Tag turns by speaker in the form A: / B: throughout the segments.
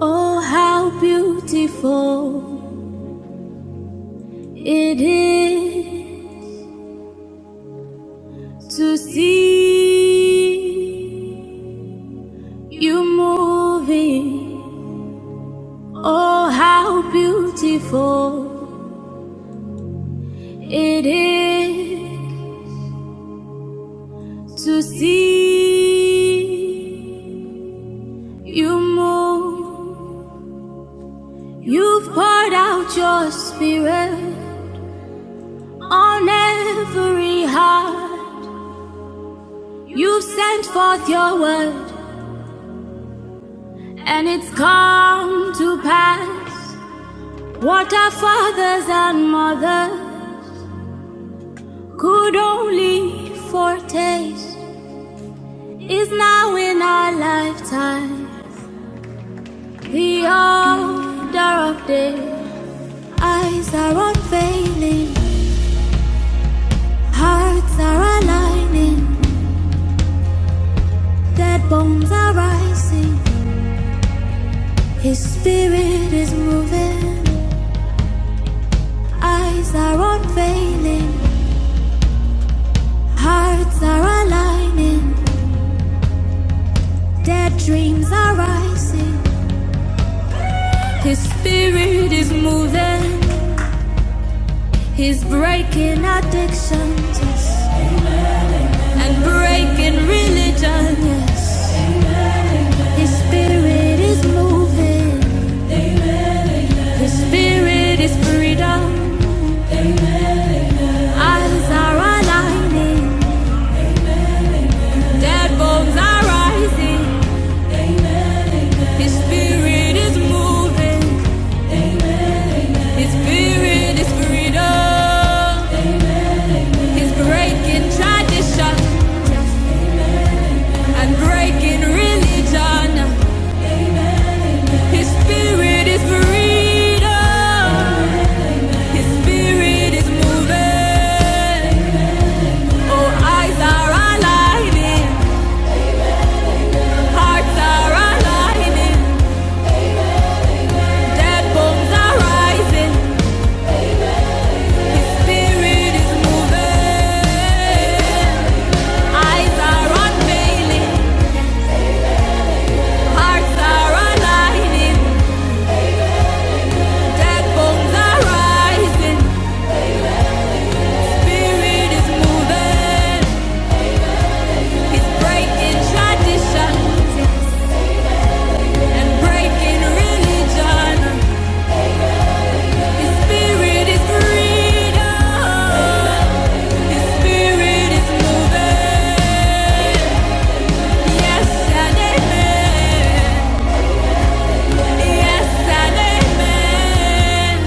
A: Oh, how beautiful it is to see you moving. Oh, how beautiful it is to see you move. You've poured out your spirit on every heart. You've sent forth your word And it's come to pass what our fathers and mothers could only foretaste is now in our lifetime. The order of day, eyes are unveiling, hearts are aligning, dead bones are rising, His spirit is moving, eyes are unveiling, hearts are aligning. Dead dreams are rising. His spirit is moving. He's breaking addictions yes. and breaking religion. Yes. His spirit is moving. His spirit is freedom. Eyes are aligning. Dead bones are rising. His spirit is moving. His spirit is freedom. He's breaking tradition. and breaking religion. His spirit is freedom. His spirit is moving. Oh, eyes are aligning, hearts are aligning, dead bones are rising. His spirit is moving. Eyes are unveiling, hearts are aligning, dead bones are rising. Spirit is moving. It's breaking traditions and breaking religion. His spirit is freedom. His spirit is moving. Yes and amen. Yes and amen.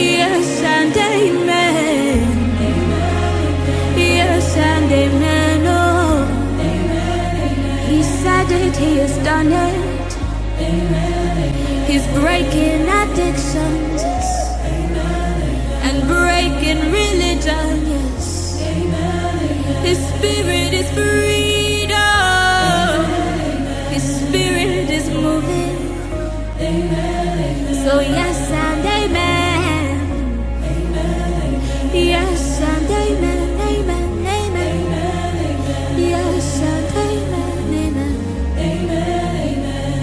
A: Yes and amen. Yes and amen. Oh, he said it, he has done it. He's breaking addictions yes, and breaking religion. Yes, his spirit is freedom. His spirit is moving. So yes and amen. Yes and amen. Amen. Amen. Yes and amen. Amen.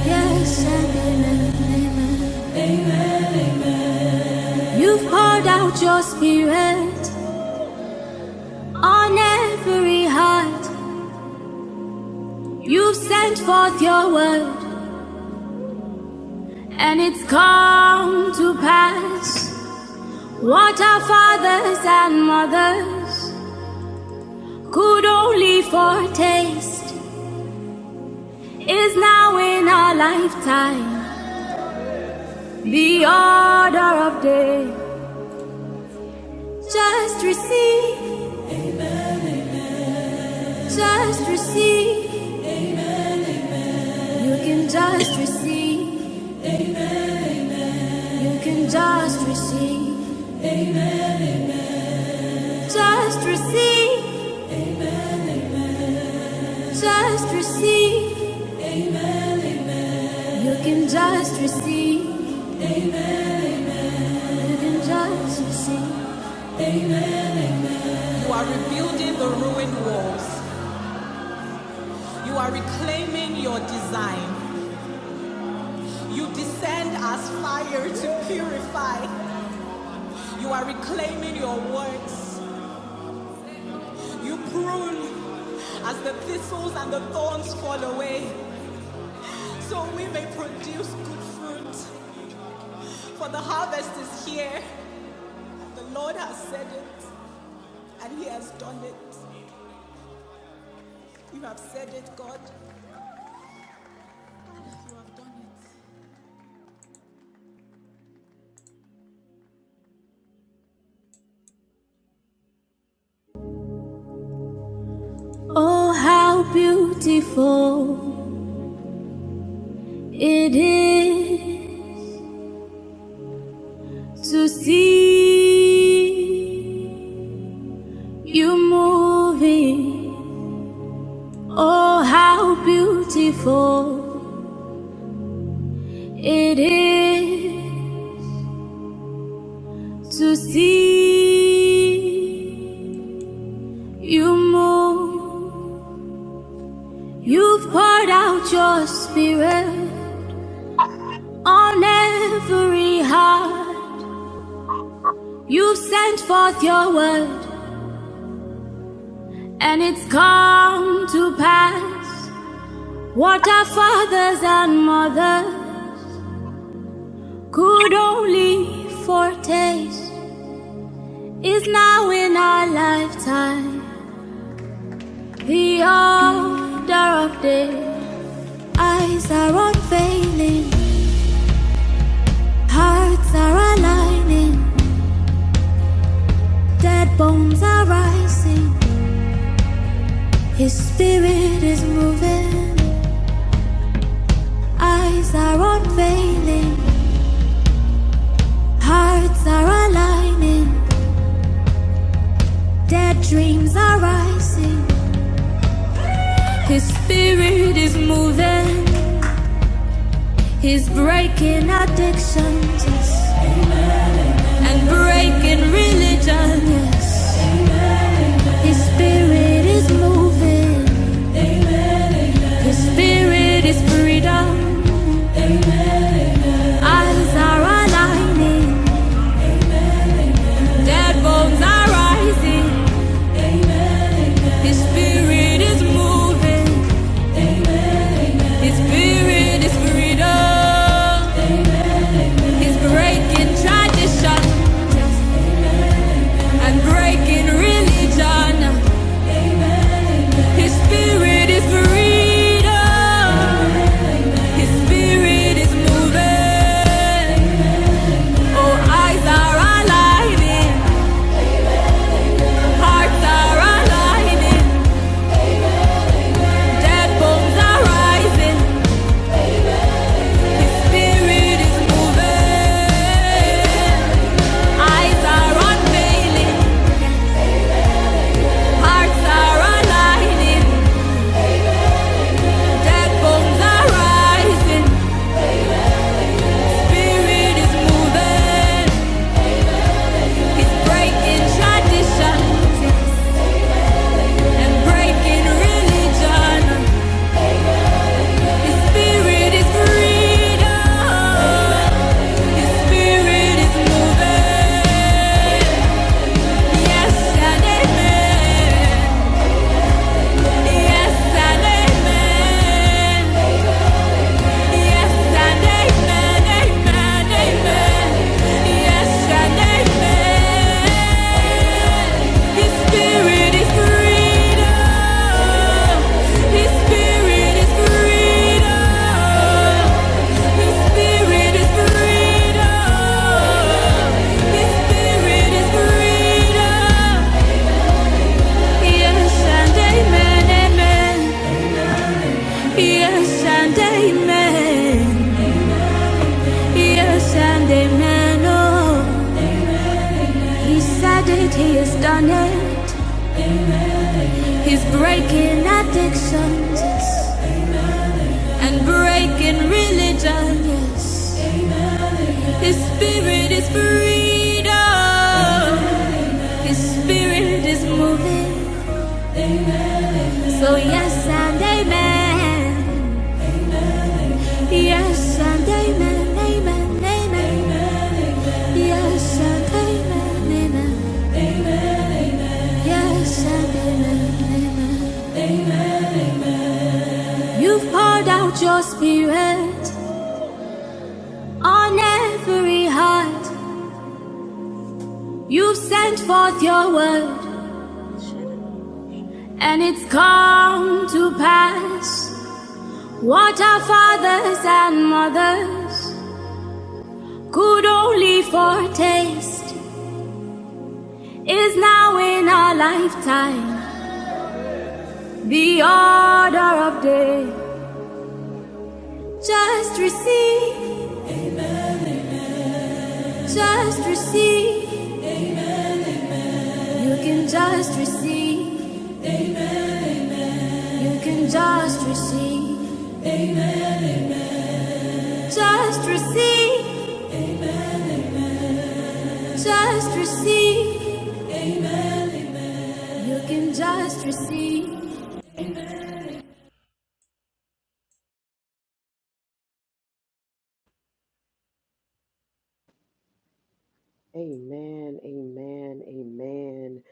A: Yes and amen. Amen. You've poured out your spirit on every heart. You've sent forth your word, and it's come to pass. What our fathers and mothers could only foretaste is now in our lifetime the order of day. Just receive, just receive. You can just receive, you can just receive. Just receive, just receive. You can just receive, you can just receive. Oh, how beautiful it is to see you moving. Oh, how beautiful it is to see you move. You've poured out your spirit on every heart. You've sent forth your word, and it's come to pass. What our fathers and mothers could only foretaste is now in our lifetime. The order of day, eyes are unveiling, hearts are aligning, dead bones are rising. His spirit is moving, eyes are unveiling, hearts are aligning, dead dreams are rising. His spirit is moving, he's breaking addictions yes, and breaking religions. His spirit is moving, his spirit is freedom. Eyes are aligning, dead bones are rising. His spirit is moving. His spirit is freedom. He's breaking tradition and breaking religion. His spirit is freedom. His spirit is moving. Oh, eyes are aligning, hearts are aligning, dead bones are rising. His spirit is moving. Eyes are unveiling, hearts are aligning. Yes and amen. Yes and amen. Yes and amen, amen, amen. Yes and amen. His spirit is freedom. His spirit is freedom. His spirit is freedom. His spirit is freedom. Yes and amen, amen. Yes and amen. Yes and amen. Oh, he said it, he has done it. He's breaking addictions yes, and breaking religion. Yes, his spirit is freedom. His spirit is moving. So yes and amen. Yes and amen. Amen. Amen. Yes and amen. Amen. Yes and amen. Amen. You've poured out your spirit on every heart. You've sent forth your word, and it's come to pass. What our fathers and mothers could only foretaste is now in our lifetime the order of day. Just receive, just receive. You can just receive, you can just receive. Just receive, just receive. You can just receive.
B: Amen, amen, amen.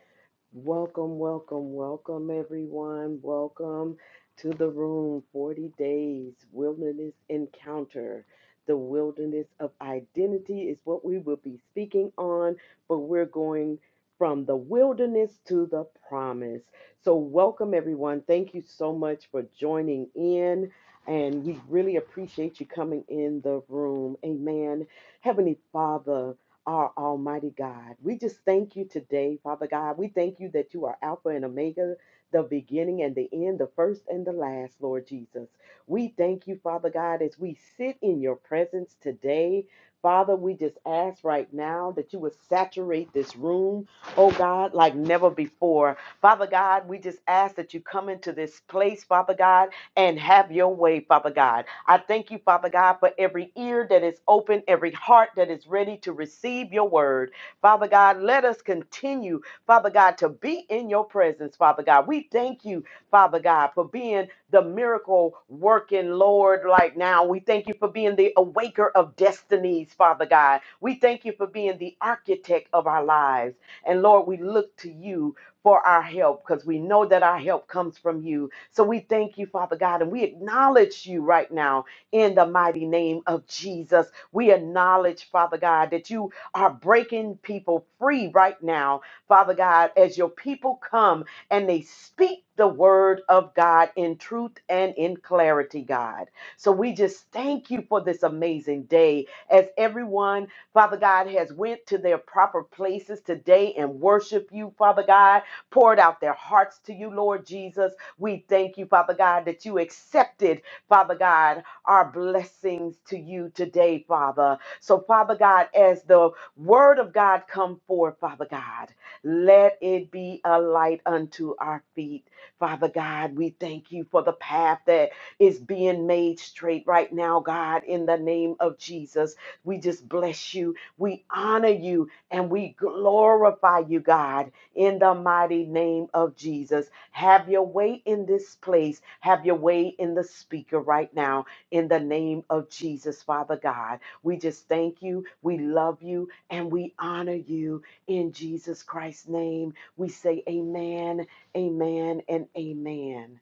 B: Welcome, welcome, welcome, everyone. Welcome to the room 40 Days Wilderness Encounter. The wilderness of identity is what we will be speaking on, but we're going from the wilderness to the promise. So, welcome, everyone. Thank you so much for joining in, and we really appreciate you coming in the room. Amen. Heavenly Father, our Almighty God. We just thank you today, Father God. We thank you that you are Alpha and Omega, the beginning and the end, the first and the last, Lord Jesus. We thank you, Father God, as we sit in your presence today. Father, we just ask right now that you would saturate this room, oh God, like never before. Father God, we just ask that you come into this place, Father God, and have your way, Father God. I thank you, Father God, for every ear that is open, every heart that is ready to receive your word. Father God, let us continue, Father God, to be in your presence, Father God. We thank you, Father God, for being the miracle working Lord right now. We thank you for being the awaker of destinies, Father God. We thank you for being the architect of our lives. And Lord, we look to you for our help because we know that our help comes from you. So we thank you, Father God, and we acknowledge you right now in the mighty name of Jesus. We acknowledge, Father God, that you are breaking people free right now, Father God, as your people come and they speak the word of God in truth and in clarity, God. So we just thank you for this amazing day as everyone Father God, has went to their proper places today and worship you, Father God poured out their hearts to you, Lord Jesus. We thank you, Father God, that you accepted, Father God, our blessings to you today, Father. So, Father God, as the word of God come forth, Father God, let it be a light unto our feet. Father God, we thank you for the path that is being made straight right now, God, in the name of Jesus. We just bless you. We honor you and we glorify you, God in the mighty name of Jesus. Have your way in this place. Have your way in the speaker right now in the name of Jesus, Father God. We just thank you. We love you and we honor you in Jesus Christ's name. We say amen, amen, and amen.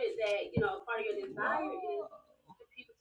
A: it that, you know, part of your is for people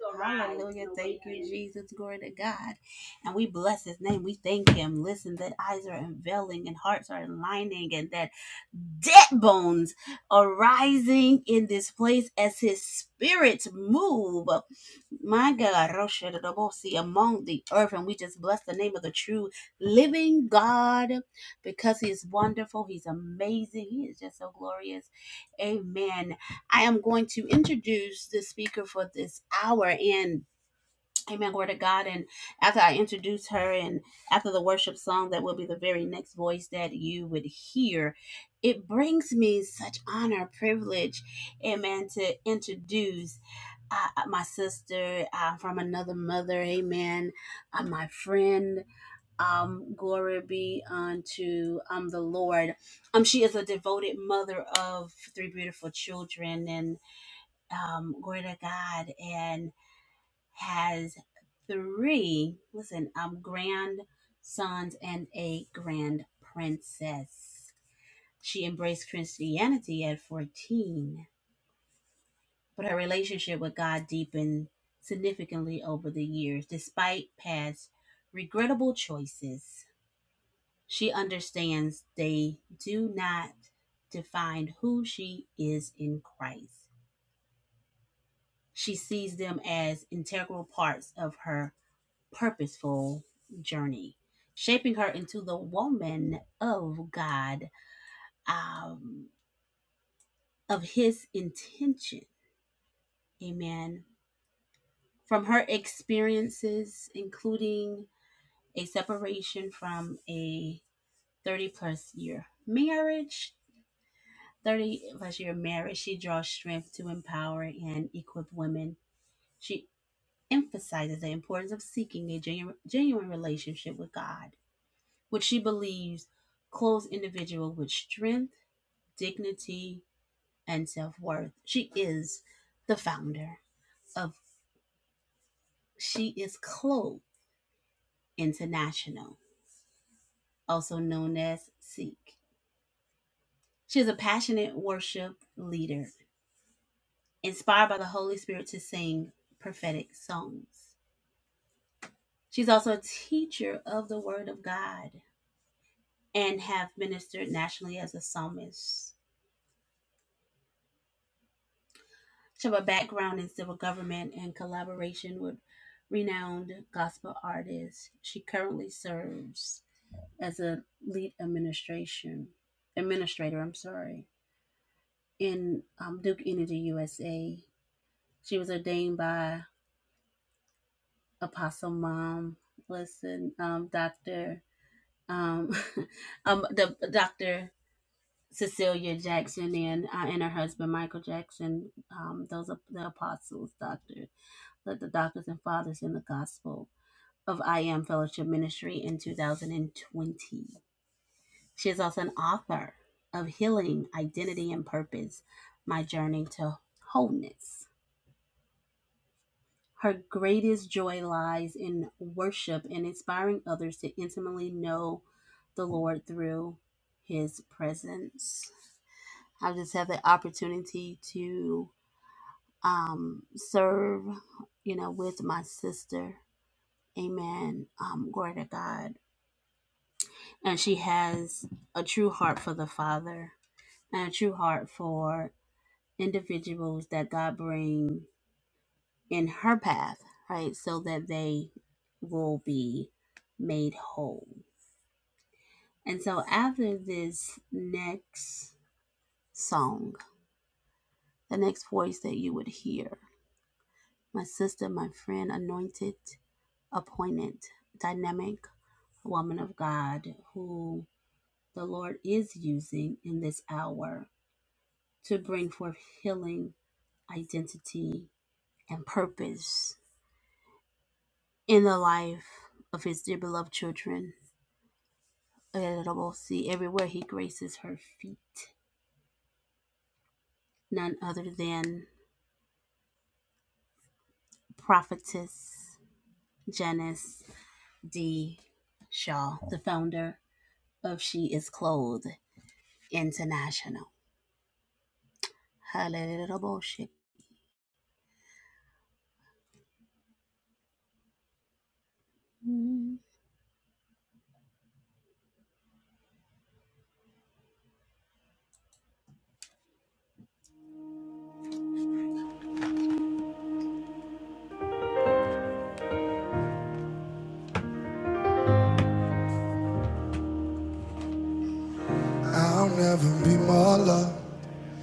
A: I'll never be more loved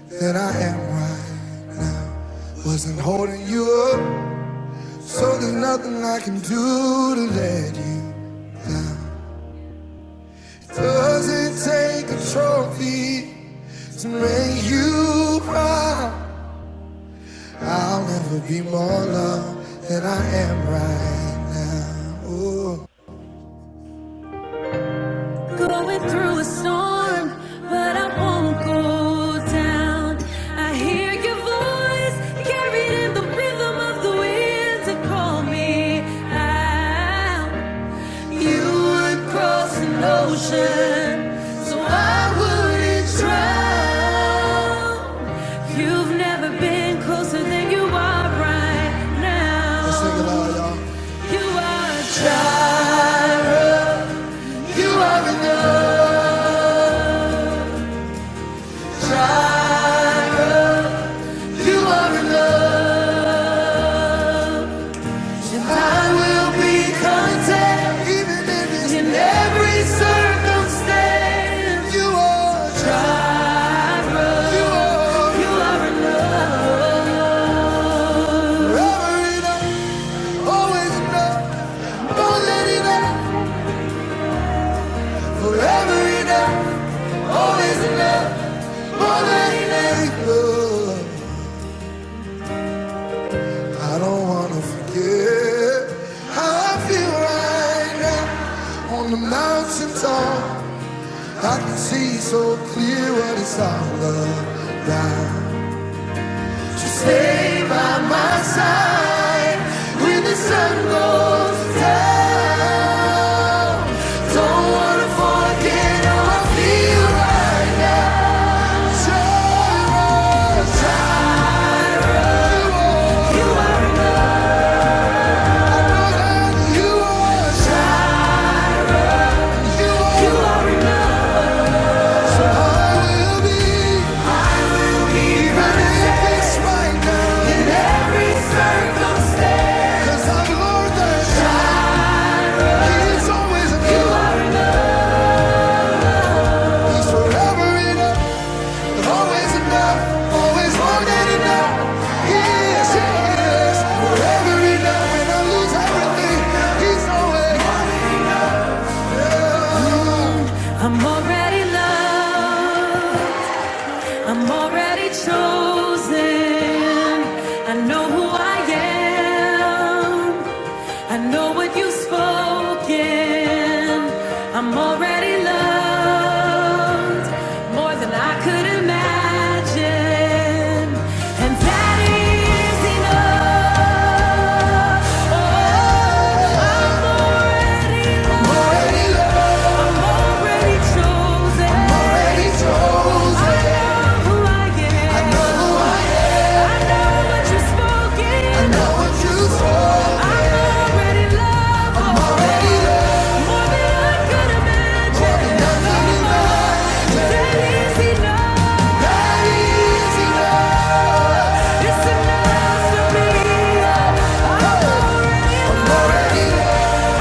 A: than I am right now. Wasn't holding you up, so there's nothing I can do to let you. It Doesn't take a trophy to make you cry. I'll never be more loved than I am right now. Ooh. Going through a storm, but I won't go down. I hear your voice carried in the rhythm of the wind to call me out. You would cross an ocean, so I wouldn't drown. Let's sing it loud, y'all. Jireh. You are enough. Jireh. You are enough. I will be content even in every circumstance. You are Jireh. You are. You are Forever enough. Always enough. More than enough. I don't wanna forget how I feel right now on the mountain top. I can see so clear what it's all about. Just stay by my side when the sun goes down. Don't wanna forget how I feel right now. Just try to walk. I know that you Yes, yes, yes. I'm already loved. I'm already chosen. I know who I am. I know what you've spoken. I'm already loved more than I could imagine. And that is enough. Oh, I'm already loved. I'm already chosen. I know who I am. I know what you spoke. I'm already loved. More than I could imagine. That is enough. I'm already loved. Yeah.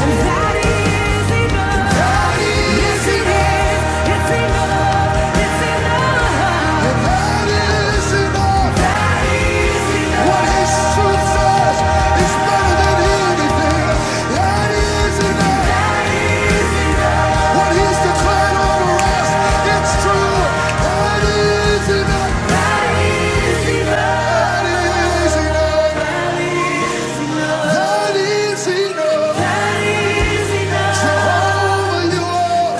A: Jehovah, you are.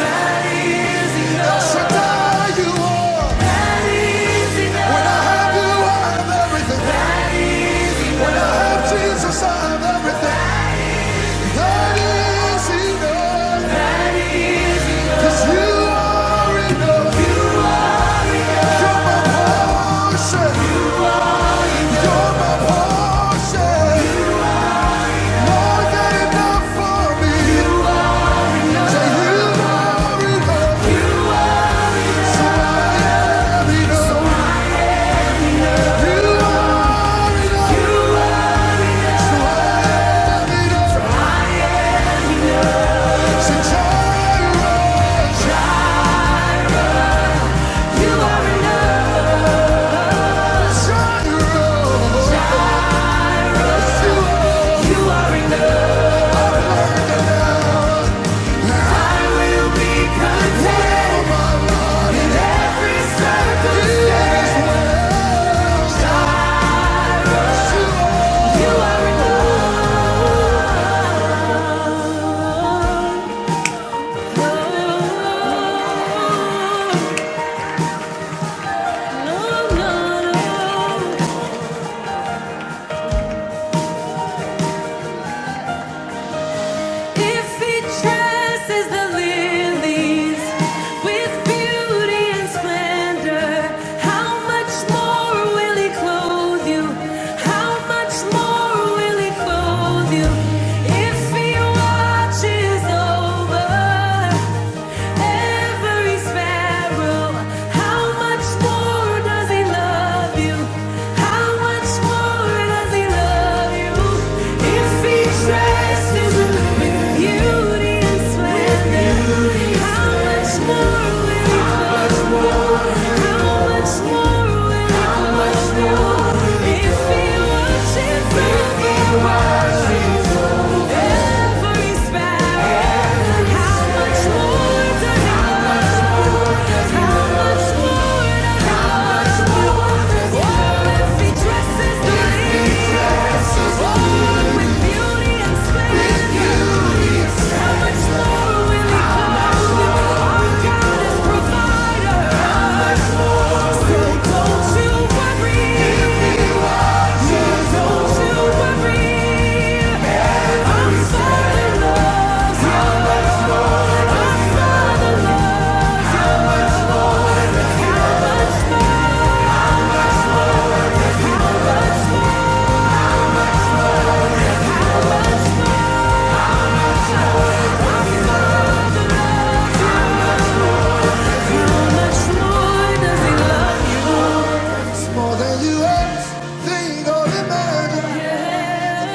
A: Shaddai, you are. When I have you, I have everything. When I have Jesus, I have everything. That is enough. 'Cause you are enough. You're my portion. You're my portion. More than enough for me. Say you are enough. So I am enough. You are enough. So I am enough. Santiago, you are my Santiago. Shout to all the saints. No, no, no. If he dresses the lilies with beauty and splendor, how much more will he clothe you? How much more will he clothe you? If he watches over every sparrow, how much more? more does he love you? How much more does he love you? If he dresses with beauty and splendor, how much more will he love you? How much more will he love you? If he worships you, more than you ever think or imagine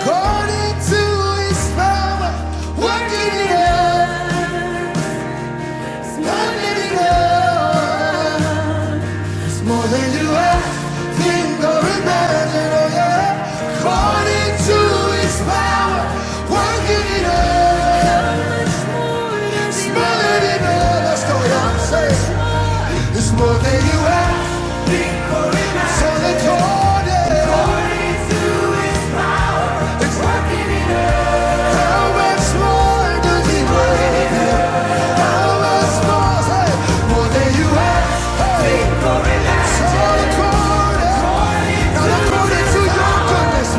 A: According to his power, working in us, unlimited us, more than you ask, think or imagine, oh yeah. According to his power, working in us, it's more than you ask, oh yeah, say, it's more than you ask, so that you're It's working in us. How much more does it work How much more, hey, more than you ask? Hey, according, to your goodness.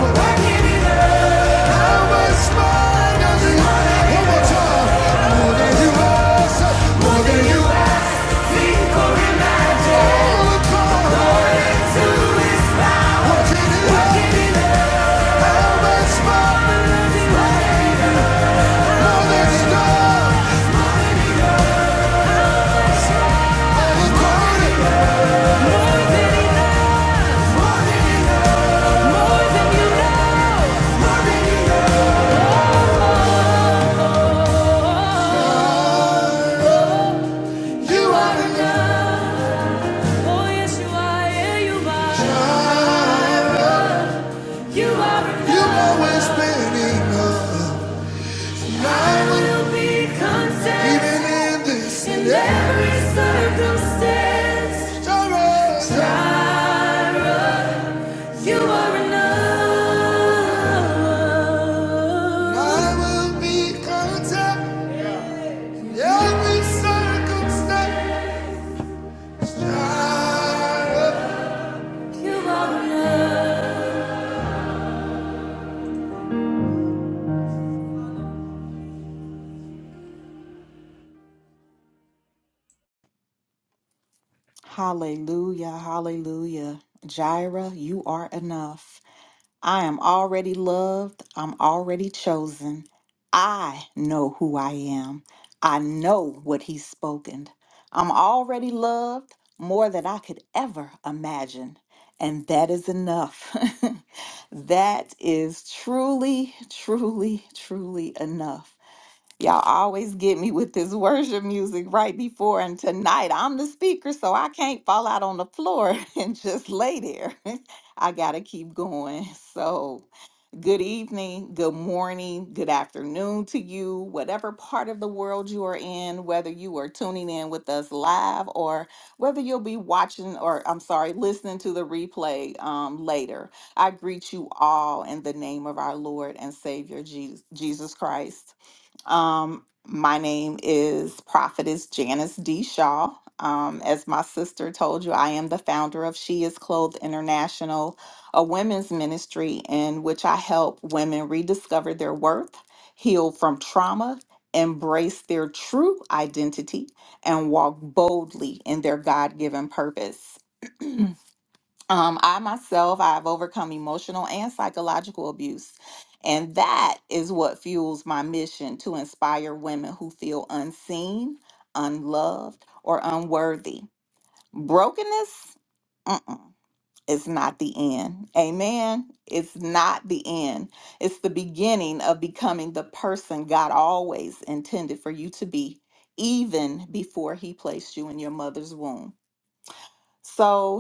A: How much more does it work? more More than you ask, hey, more than you ask. according, to your goodness. You are enough. You've always been enough. I will be content. Even in this in every circumstance. Jireh. Jireh. You are enough. I will be content in every circumstance.
C: Hallelujah, hallelujah. Jireh, you are enough. I am already loved. I'm already chosen. I know who I am. I know what he's spoken. I'm already loved more than I could ever imagine. And that is enough. that is truly, truly, truly enough. Y'all always get me with this worship music right before, and tonight I'm the speaker, so I can't fall out on the floor and just lay there. I gotta keep going. So, good evening, good morning, good afternoon to you, whatever part of the world you are in, whether you are tuning in with us live or whether you'll be watching or I'm sorry, listening to the replay um, later. I greet you all in the name of our Lord and Savior Jesus, Jesus Christ. Um, my name is Prophetess Janice D. Shaw. Um, as my sister told you, I am the founder of She Is Clothed International, a women's ministry in which I help women rediscover their worth, heal from trauma, embrace their true identity, and walk boldly in their God given purpose. Um, I myself, I've overcome emotional and psychological abuse. And that is what fuels my mission to inspire women who feel unseen, unloved, or unworthy. Brokenness mm-mm, is not the end. Amen. It's not the end. It's the beginning of becoming the person God always intended for you to be, even before He placed you in your mother's womb. So,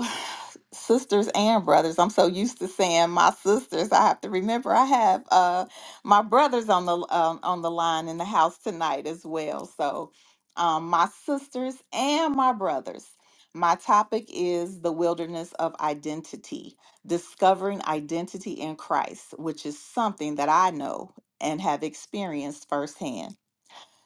C: sisters and brothers. I'm so used to saying my sisters. I have to remember I have uh, my brothers on the um, on the line in the house tonight as well. So um, my sisters and my brothers. My topic is the wilderness of identity, discovering identity in Christ, which is something that I know and have experienced firsthand.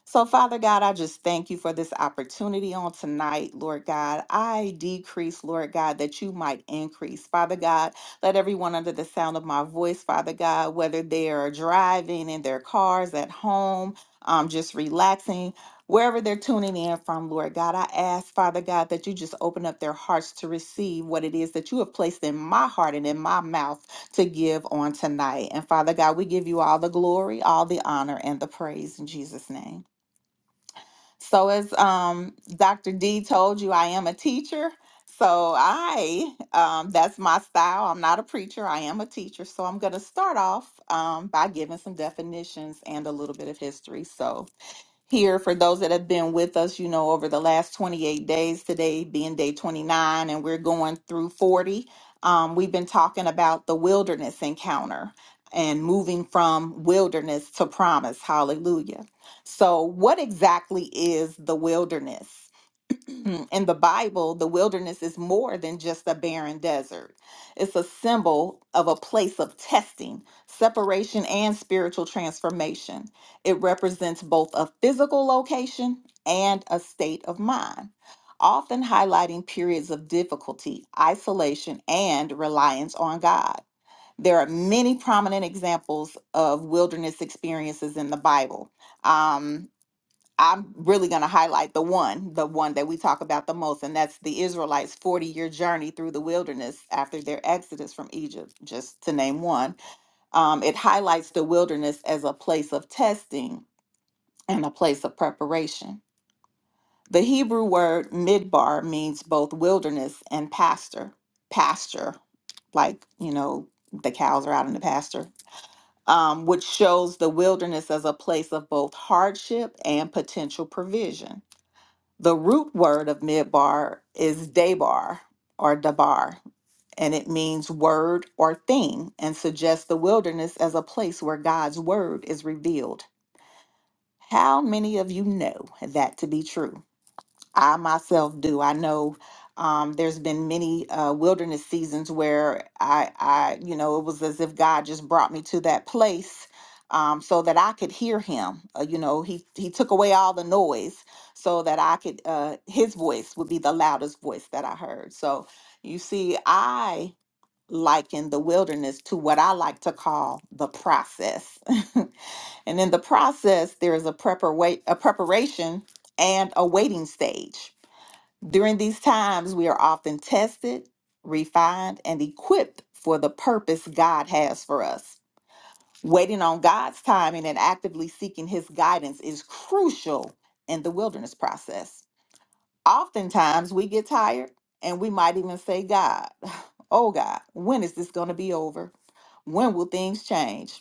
C: So, Father God, I just thank you for this opportunity on tonight, Lord God. I decrease, Lord God, that you might increase. Father God, let everyone under the sound of my voice, Father God, whether they are driving in their cars, at home, um, just relaxing, wherever they're tuning in from, Lord God, I ask, Father God, that you just open up their hearts to receive what it is that you have placed in my heart and in my mouth to give on tonight. And Father God, we give you all the glory, all the honor, and the praise in Jesus' name. So, as um, Dr. D told you, I am a teacher. So, I, um, that's my style. I'm not a preacher, I am a teacher. So, I'm going to start off um, by giving some definitions and a little bit of history. So, here for those that have been with us, you know, over the last 28 days, today being day 29, and we're going through 40. Um, we've been talking about the wilderness encounter and moving from wilderness to promise. Hallelujah. So, what exactly is the wilderness? in the Bible, the wilderness is more than just a barren desert. It's a symbol of a place of testing, separation, and spiritual transformation. It represents both a physical location and a state of mind, often highlighting periods of difficulty, isolation, and reliance on God. There are many prominent examples of wilderness experiences in the Bible. Um, I'm really going to highlight the one, the one that we talk about the most, and that's the Israelites' 40 year journey through the wilderness after their exodus from Egypt, just to name one. Um, it highlights the wilderness as a place of testing and a place of preparation. The Hebrew word midbar means both wilderness and pasture, pasture, like, you know, the cows are out in the pasture, um, which shows the wilderness as a place of both hardship and potential provision. The root word of midbar is debar or dabar, and it means word or thing and suggests the wilderness as a place where God's word is revealed. How many of you know that to be true? I myself do. I know um, there's been many uh, wilderness seasons where I, I, you know, it was as if God just brought me to that place um, so that I could hear Him. Uh, you know, He He took away all the noise so that I could. Uh, his voice would be the loudest voice that I heard. So you see, I liken the wilderness to what I like to call the process, and in the process, there is a prepara- a preparation and a waiting stage during these times, we are often tested, refined, and equipped for the purpose God has for us. Waiting on God's timing and actively seeking His guidance is crucial in the wilderness process. Oftentimes, we get tired and we might even say, God, oh God, when is this going to be over? When will things change?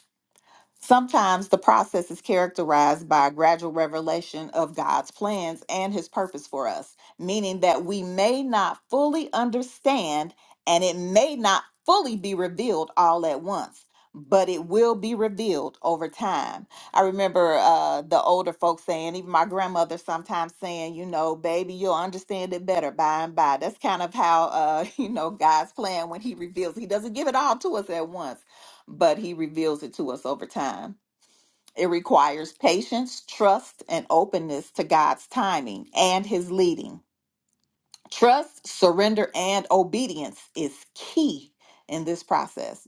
C: Sometimes the process is characterized by a gradual revelation of God's plans and his purpose for us, meaning that we may not fully understand and it may not fully be revealed all at once, but it will be revealed over time. I remember uh, the older folks saying, even my grandmother sometimes saying, you know, baby, you'll understand it better by and by. That's kind of how, uh, you know, God's plan when he reveals, he doesn't give it all to us at once but he reveals it to us over time. It requires patience, trust, and openness to God's timing and his leading. Trust, surrender, and obedience is key in this process.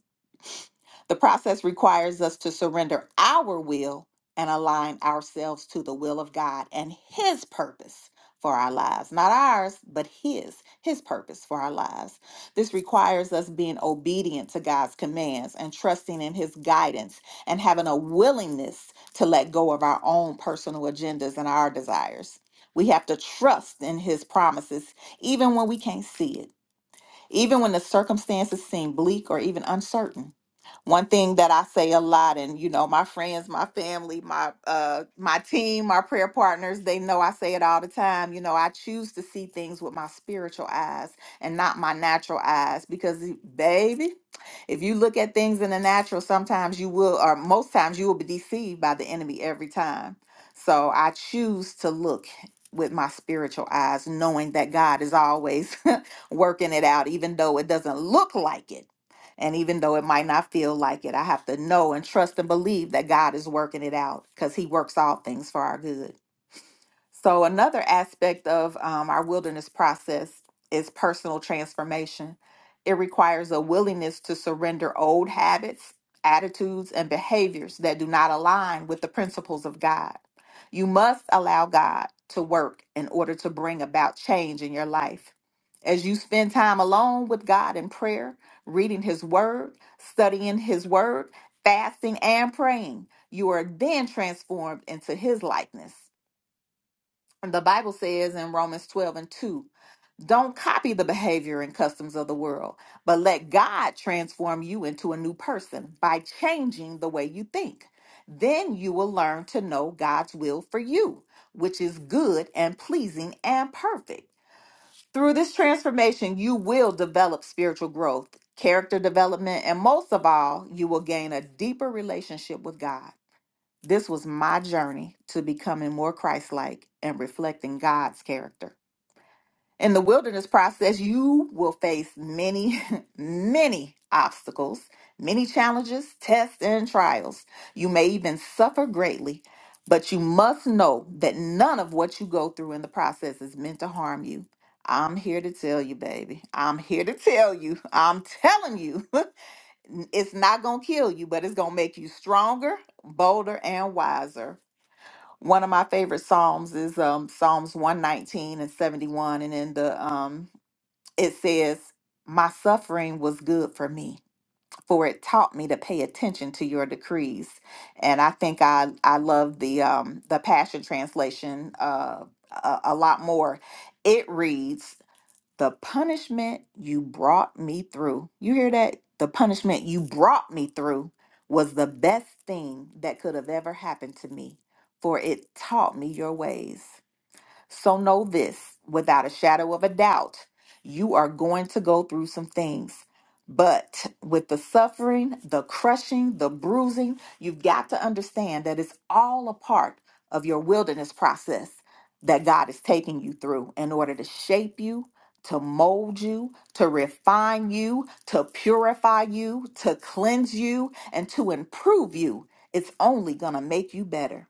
C: The process requires us to surrender our will and align ourselves to the will of God and His purpose for our lives. Not ours, but His, His purpose for our lives. This requires us being obedient to God's commands and trusting in His guidance and having a willingness to let go of our own personal agendas and our desires. We have to trust in His promises even when we can't see it, even when the circumstances seem bleak or even uncertain. One thing that I say a lot, and you know, my friends, my family, my uh, my team, my prayer partners, they know I say it all the time. You know, I choose to see things with my spiritual eyes and not my natural eyes because, baby, if you look at things in the natural, sometimes you will, or most times you will be deceived by the enemy every time. So I choose to look with my spiritual eyes, knowing that God is always working it out, even though it doesn't look like it. And even though it might not feel like it, I have to know and trust and believe that God is working it out because He works all things for our good. So, another aspect of um, our wilderness process is personal transformation. It requires a willingness to surrender old habits, attitudes, and behaviors that do not align with the principles of God. You must allow God to work in order to bring about change in your life. As you spend time alone with God in prayer, reading His Word, studying His Word, fasting, and praying, you are then transformed into His likeness the Bible says in Romans 12 and 2, don't copy the behavior and customs of the world, but let God transform you into a new person by changing the way you think. Then you will learn to know God's will for you, which is good and pleasing and perfect. Through this transformation, you will develop spiritual growth, character development, and most of all, you will gain a deeper relationship with God. This was my journey to becoming more Christ like and reflecting God's character. In the wilderness process, you will face many, many obstacles, many challenges, tests, and trials. You may even suffer greatly, but you must know that none of what you go through in the process is meant to harm you. I'm here to tell you, baby. I'm here to tell you. I'm telling you. it's not going to kill you, but it's going to make you stronger, bolder, and wiser. One of my favorite psalms is um, Psalms 119 and 71, and in the um, it says, "My suffering was good for me, for it taught me to pay attention to your decrees." And I think I I love the um, the Passion translation uh, a, a lot more. It reads. The punishment you brought me through. You hear that? The punishment you brought me through was the best thing that could have ever happened to me, for it taught me your ways. So know this without a shadow of a doubt, you are going to go through some things. But with the suffering, the crushing, the bruising, you've got to understand that it's all a part of your wilderness process that God is taking you through in order to shape you, to mold you, to refine you, to purify you, to cleanse you, and to improve you. It's only going to make you better.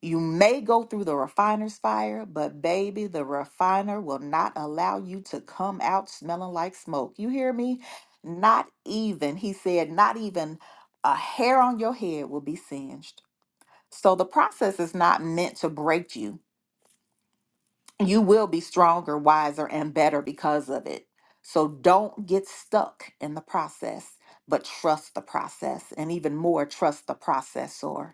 C: You may go through the refiner's fire, but baby, the refiner will not allow you to come out smelling like smoke. You hear me? Not even, he said, not even a hair on your head will be singed. So the process is not meant to break you. You will be stronger, wiser, and better because of it. So don't get stuck in the process, but trust the process, and even more, trust the processor.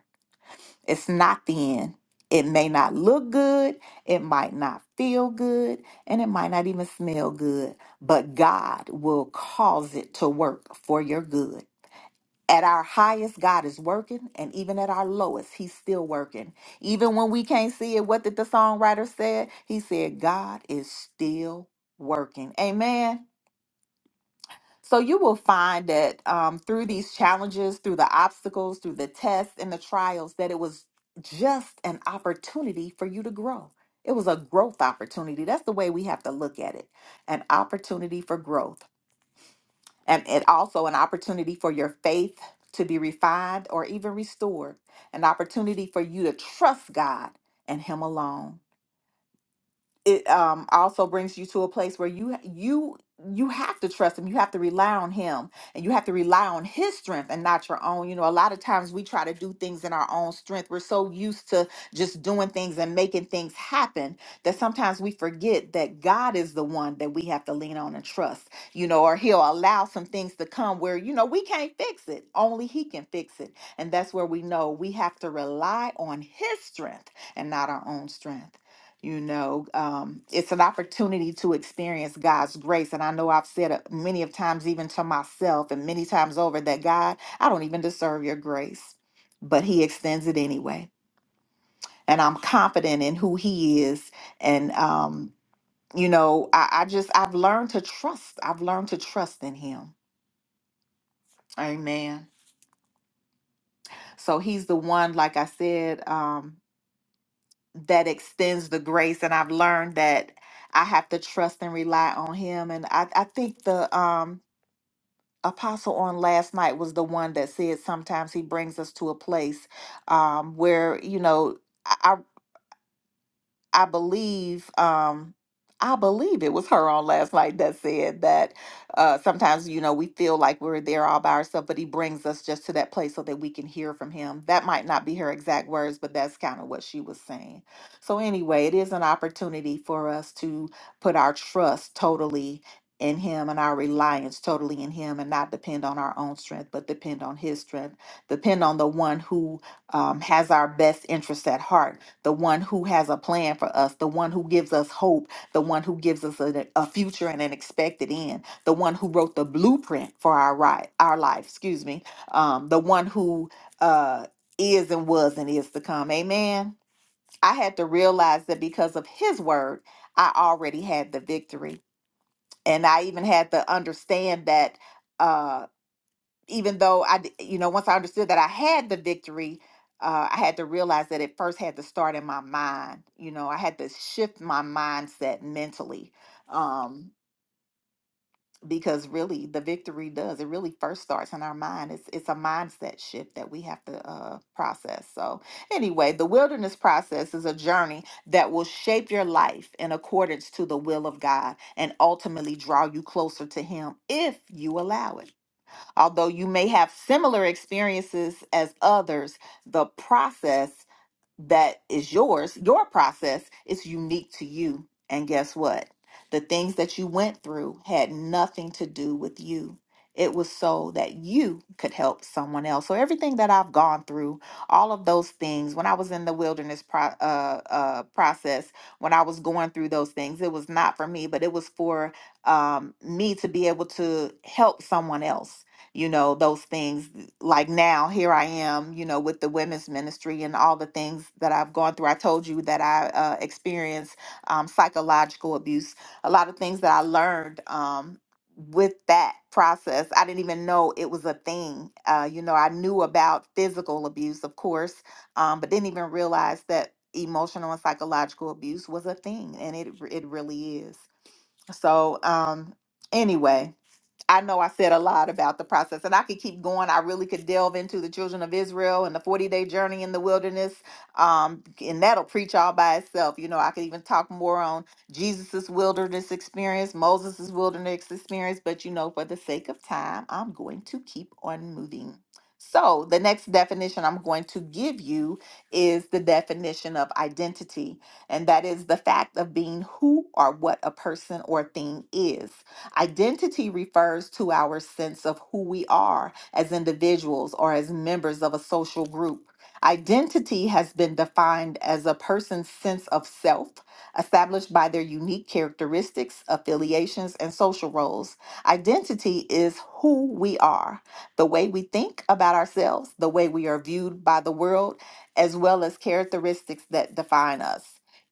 C: It's not the end. It may not look good, it might not feel good, and it might not even smell good, but God will cause it to work for your good. At our highest, God is working, and even at our lowest, He's still working. Even when we can't see it, what did the songwriter say? He said, God is still working. Amen. So you will find that um, through these challenges, through the obstacles, through the tests and the trials, that it was just an opportunity for you to grow. It was a growth opportunity. That's the way we have to look at it an opportunity for growth. And it also an opportunity for your faith to be refined or even restored, an opportunity for you to trust God and Him alone it um also brings you to a place where you you you have to trust him you have to rely on him and you have to rely on his strength and not your own you know a lot of times we try to do things in our own strength we're so used to just doing things and making things happen that sometimes we forget that god is the one that we have to lean on and trust you know or he'll allow some things to come where you know we can't fix it only he can fix it and that's where we know we have to rely on his strength and not our own strength you know, um, it's an opportunity to experience God's grace. And I know I've said it many of times, even to myself and many times over, that God, I don't even deserve your grace, but He extends it anyway. And I'm confident in who He is. And, um, you know, I, I just, I've learned to trust. I've learned to trust in Him. Amen. So He's the one, like I said, um, that extends the grace and I've learned that I have to trust and rely on him and I, I think the um apostle on last night was the one that said sometimes he brings us to a place um where you know I. I believe um I believe it was her on last night that said that uh sometimes you know we feel like we're there all by ourselves but he brings us just to that place so that we can hear from him. That might not be her exact words but that's kind of what she was saying. So anyway, it is an opportunity for us to put our trust totally in him and our reliance totally in him and not depend on our own strength but depend on his strength depend on the one who um, has our best interests at heart the one who has a plan for us, the one who gives us hope, the one who gives us a, a future and an expected end, the one who wrote the blueprint for our right, our life, excuse me, um, the one who uh, is and was and is to come. Amen. I had to realize that because of his word, I already had the victory. And I even had to understand that. Uh, even though I, d- you know, once I understood that I had the victory, uh, I had to realize that it first had to start in my mind. You know, I had to shift my mindset mentally, um, because really the victory does. It really first starts in our mind. It's it's a mindset shift that we have to uh, process. So anyway, the wilderness process is a journey that will shape your life in accordance to the will of God and ultimately draw you closer to Him if you allow it. Although you may have similar experiences as others, the process that is yours, your process is unique to you. And guess what? The things that you went through had nothing to do with you. It was so that you could help someone else. So everything that I've gone through, all of those things, when I was in the wilderness pro- uh, uh, process, when I was going through those things, it was not for me, but it was for um, me to be able to help someone else. You know, those things like now here i am you know with the women's ministry and all the things that i've gone through i told you that i uh, experienced um, psychological abuse a lot of things that i learned um, with that process i didn't even know it was a thing uh, you know i knew about physical abuse of course um, but didn't even realize that emotional and psychological abuse was a thing and it, it really is so um, anyway I know I said a lot about the process, and I could keep going. I really could delve into the children of Israel and the 40 day journey in the wilderness, um, and that'll preach all by itself. You know, I could even talk more on Jesus's wilderness experience, Moses's wilderness experience, but you know, for the sake of time, I'm going to keep on moving. So, the next definition I'm going to give you is the definition of identity, and that is the fact of being who or what a person or thing is. Identity refers to our sense of who we are as individuals or as members of a social group. Identity has been defined as a person's sense of self, established by their unique characteristics, affiliations, and social roles. Identity is who we are, the way we think about ourselves, the way we are viewed by the world, as well as characteristics that define us.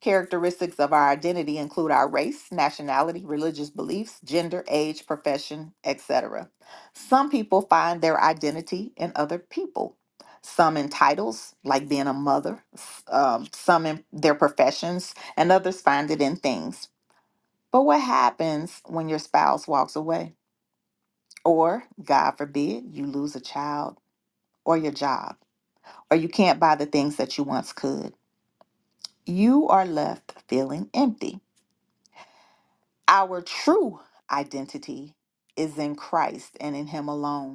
C: Characteristics of our identity include our race, nationality, religious beliefs, gender, age, profession, etc. Some people find their identity in other people. Some in titles, like being a mother, s- um, some in their professions, and others find it in things. But what happens when your spouse walks away? Or, God forbid, you lose a child or your job, or you can't buy the things that you once could? You are left feeling empty. Our true identity is in Christ and in Him alone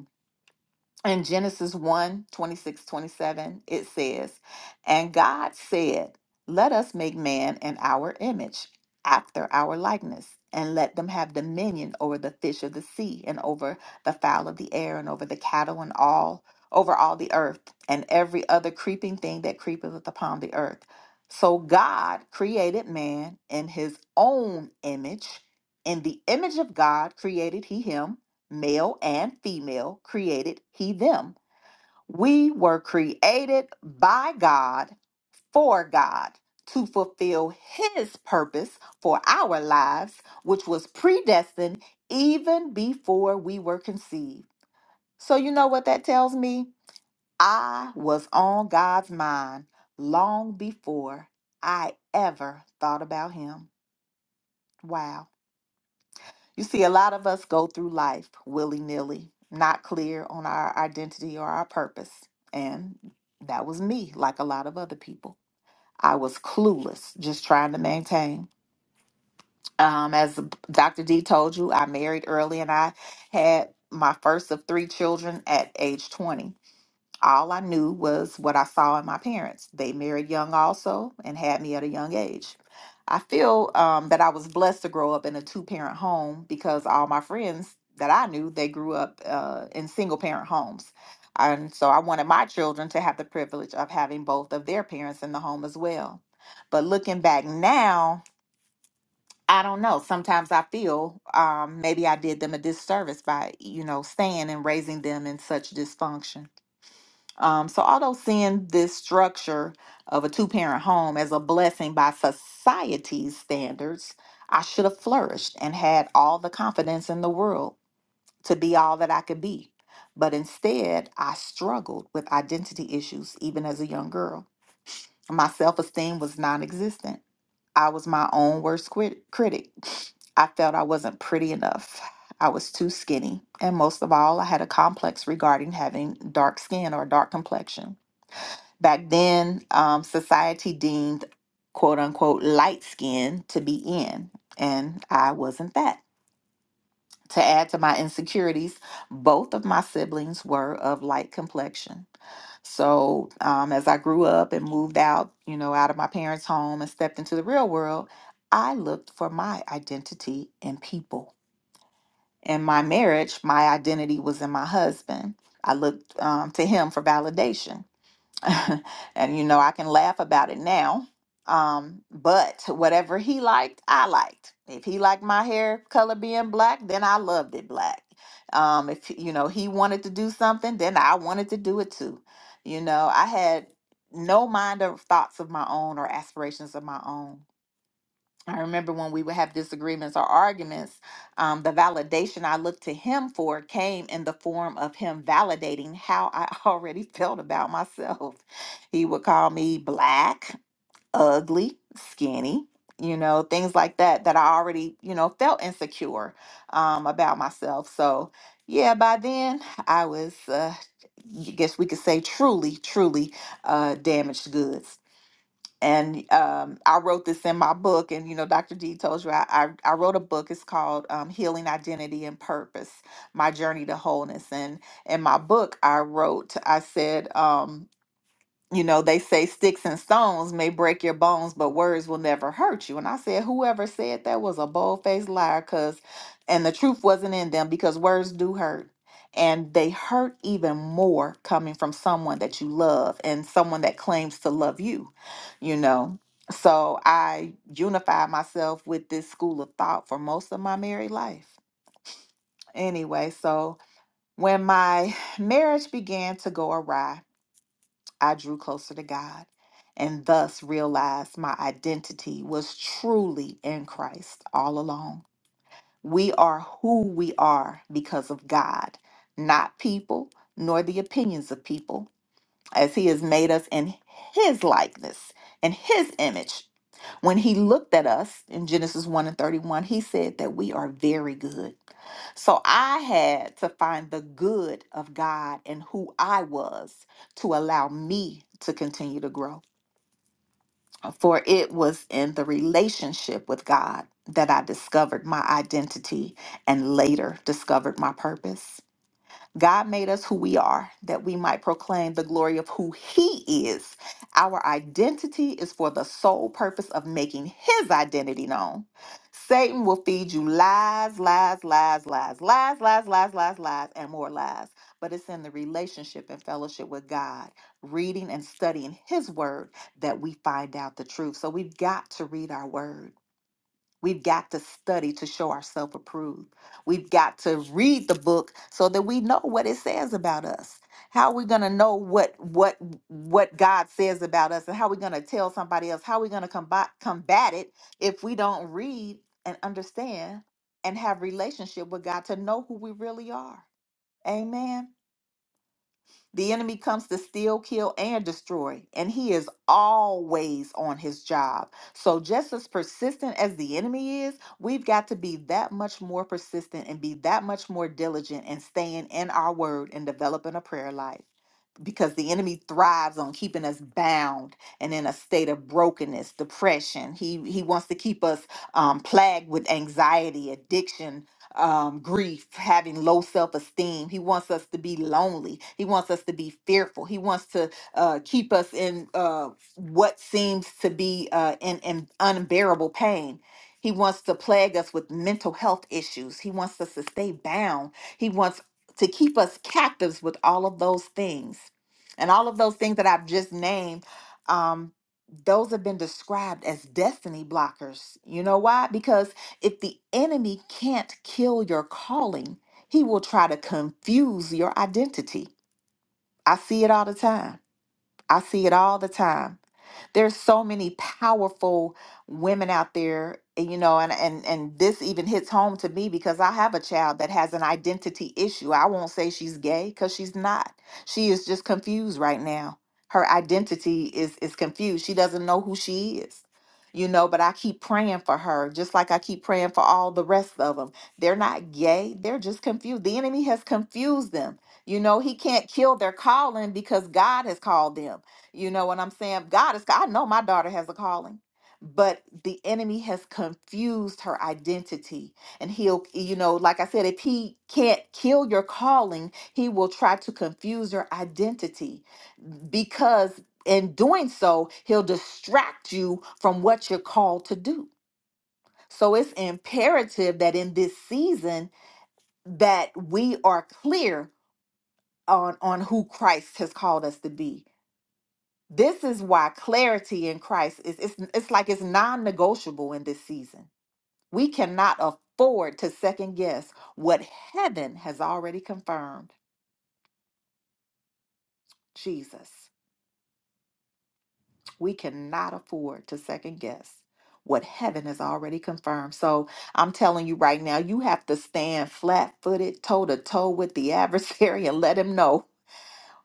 C: in Genesis one 26 27, it says, And God said, Let us make man in our image, after our likeness, and let them have dominion over the fish of the sea, and over the fowl of the air, and over the cattle, and all over all the earth, and every other creeping thing that creepeth upon the earth. So God created man in his own image. In the image of God created he him male and female, created he them. We were created by God for God to fulfill his purpose for our lives, which was predestined even before we were conceived. So, you know what that tells me? I was on God's mind long before I ever thought about him. Wow. You see, a lot of us go through life willy nilly, not clear on our identity or our purpose. And that was me, like a lot of other people. I was clueless, just trying to maintain. Um, as Dr. D told you, I married early and I had my first of three children at age 20 all I knew was what I saw in my parents. They married young also and had me at a young age. I feel um, that I was blessed to grow up in a two parent home because all my friends that I knew, they grew up uh, in single parent homes. And so I wanted my children to have the privilege of having both of their parents in the home as well. But looking back now, I don't know. Sometimes I feel um, maybe I did them a disservice by, you know, staying and raising them in such dysfunction. Um, so, although seeing this structure of a two parent home as a blessing by society's standards, I should have flourished and had all the confidence in the world to be all that I could be. But instead, I struggled with identity issues even as a young girl. My self esteem was non existent. I was my own worst crit- critic. I felt I wasn't pretty enough. I was too skinny. And most of all, I had a complex regarding having dark skin or dark complexion. Back then, um, society deemed quote unquote light skin to be in, and I wasn't that. To add to my insecurities, both of my siblings were of light complexion. So, um, as I grew up and moved out, you know, out of my parents' home and stepped into the real world, I looked for my identity in people. In my marriage, my identity was in my husband. I looked um, to him for validation. and you know, I can laugh about it now. Um, but whatever he liked, I liked. If he liked my hair color being black, then I loved it black. Um, if you know he wanted to do something, then I wanted to do it too. You know, I had no mind or thoughts of my own or aspirations of my own. I remember when we would have disagreements or arguments, um, the validation I looked to him for came in the form of him validating how I already felt about myself. He would call me black, ugly, skinny, you know, things like that, that I already, you know, felt insecure um, about myself. So, yeah, by then I was, uh, I guess we could say, truly, truly uh, damaged goods and um, I wrote this in my book, and you know, Dr. D told you I, I, I wrote a book. It's called um, "Healing Identity and Purpose: My Journey to Wholeness." And in my book, I wrote, I said, um, you know, they say sticks and stones may break your bones, but words will never hurt you. And I said, whoever said that was a bold faced liar, because, and the truth wasn't in them because words do hurt. And they hurt even more coming from someone that you love and someone that claims to love you, you know. So I unified myself with this school of thought for most of my married life. Anyway, so when my marriage began to go awry, I drew closer to God and thus realized my identity was truly in Christ all along. We are who we are because of God, not people nor the opinions of people, as He has made us in His likeness and His image. When He looked at us in Genesis 1 and 31, He said that we are very good. So I had to find the good of God and who I was to allow me to continue to grow. uh, For it was in the relationship with God that I discovered my identity and later discovered my purpose. God made us who we are, that we might proclaim the glory of who He is. Our identity is for the sole purpose of making His identity known. Satan will feed you lies, lies, lies, lies, lies, lies, lies, lies, lies, and more lies. But it's in the relationship and fellowship with God, reading and studying His Word, that we find out the truth. So we've got to read our Word. We've got to study to show ourselves approved. We've got to read the book so that we know what it says about us. How are we gonna know what what what God says about us, and how are we gonna tell somebody else? How are we gonna combat combat it if we don't read and understand and have relationship with God to know who we really are? Amen. The enemy comes to steal, kill, and destroy, and he is always on his job. So, just as persistent as the enemy is, we've got to be that much more persistent and be that much more diligent in staying in our word and developing a prayer life because the enemy thrives on keeping us bound and in a state of brokenness, depression. He he wants to keep us um, plagued with anxiety, addiction, um, grief, having low self esteem. He wants us to be lonely. He wants us to be fearful. He wants to uh, keep us in uh, what seems to be uh, in, in unbearable pain. He wants to plague us with mental health issues. He wants us to stay bound. He wants to keep us captives with all of those things. And all of those things that I've just named, um, those have been described as destiny blockers. You know why? Because if the enemy can't kill your calling, he will try to confuse your identity. I see it all the time. I see it all the time there's so many powerful women out there, and, you know, and and and this even hits home to me because I have a child that has an identity issue. I won't say she's gay cuz she's not. She is just confused right now. Her identity is is confused. She doesn't know who she is. You know, but I keep praying for her, just like I keep praying for all the rest of them. They're not gay, they're just confused. The enemy has confused them. You know, he can't kill their calling because God has called them you know what I'm saying? God is, I know my daughter has a calling, but the enemy has confused her identity. And he'll, you know, like I said, if he can't kill your calling, he will try to confuse your identity because in doing so, he'll distract you from what you're called to do. So it's imperative that in this season that we are clear on on who Christ has called us to be this is why clarity in Christ is it's, it's like it's non-negotiable in this season. We cannot afford to second guess what heaven has already confirmed. Jesus. We cannot afford to second guess what heaven has already confirmed. So I'm telling you right now, you have to stand flat-footed, toe-to-toe with the adversary and let him know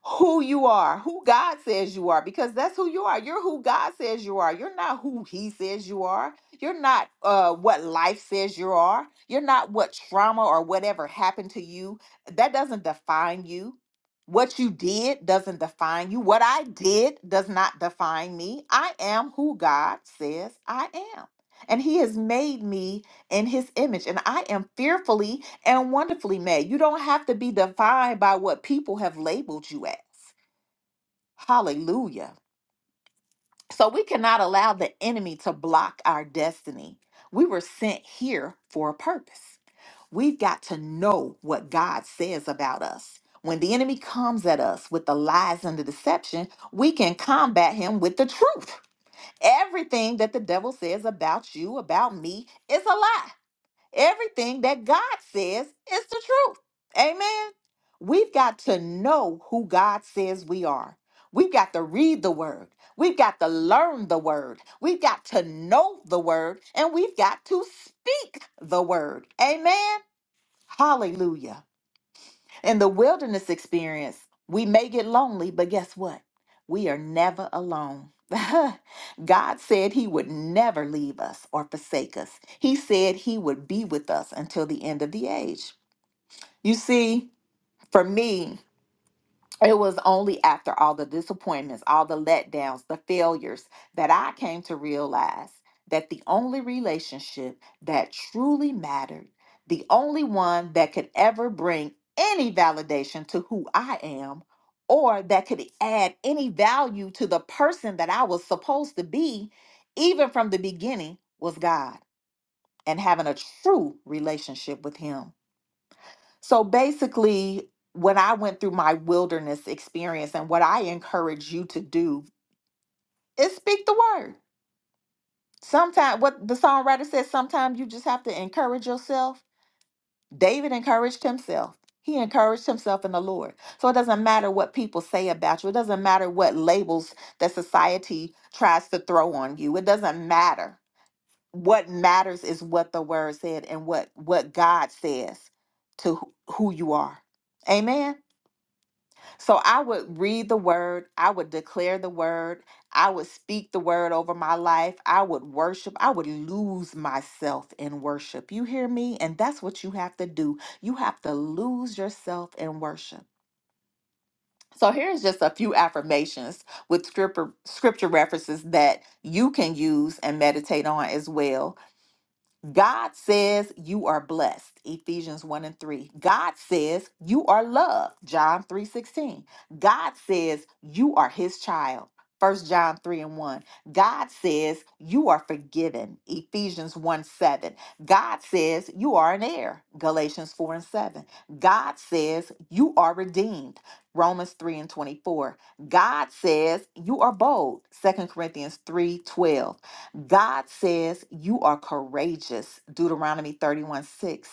C: who you are, who God says you are, because that's who you are. You're who God says you are. You're not who He says you are. You're not uh, what life says you are. You're not what trauma or whatever happened to you. That doesn't define you. What you did doesn't define you. What I did does not define me. I am who God says I am. And He has made me in His image. And I am fearfully and wonderfully made. You don't have to be defined by what people have labeled you as. Hallelujah. So we cannot allow the enemy to block our destiny. We were sent here for a purpose. We've got to know what God says about us. When the enemy comes at us with the lies and the deception, we can combat him with the truth. Everything that the devil says about you, about me, is a lie. Everything that God says is the truth. Amen. We've got to know who God says we are. We've got to read the word. We've got to learn the word. We've got to know the word. And we've got to speak the word. Amen. Hallelujah. In the wilderness experience, we may get lonely, but guess what? We are never alone. God said he would never leave us or forsake us. He said he would be with us until the end of the age. You see, for me, it was only after all the disappointments, all the letdowns, the failures that I came to realize that the only relationship that truly mattered, the only one that could ever bring any validation to who I am, or that could add any value to the person that I was supposed to be, even from the beginning, was God and having a true relationship with Him. So basically, when I went through my wilderness experience and what I encourage you to do is speak the word. Sometimes, what the songwriter says, sometimes you just have to encourage yourself. David encouraged himself. He encouraged himself in the Lord. So it doesn't matter what people say about you. It doesn't matter what labels that society tries to throw on you. It doesn't matter. What matters is what the word said and what what God says to who who you are. Amen. So I would read the word, I would declare the word, I would speak the word over my life, I would worship, I would lose myself in worship. You hear me? And that's what you have to do. You have to lose yourself in worship. So here's just a few affirmations with scripture scripture references that you can use and meditate on as well. God says you are blessed, Ephesians 1 and 3. God says you are loved, John 3 16. God says you are his child, First John 3 and 1. God says you are forgiven, Ephesians 1 7. God says you are an heir, Galatians 4 and 7. God says you are redeemed, Romans 3 and 24. God says you are bold, Second Corinthians 3 twelve. God says you are courageous, Deuteronomy 31 6.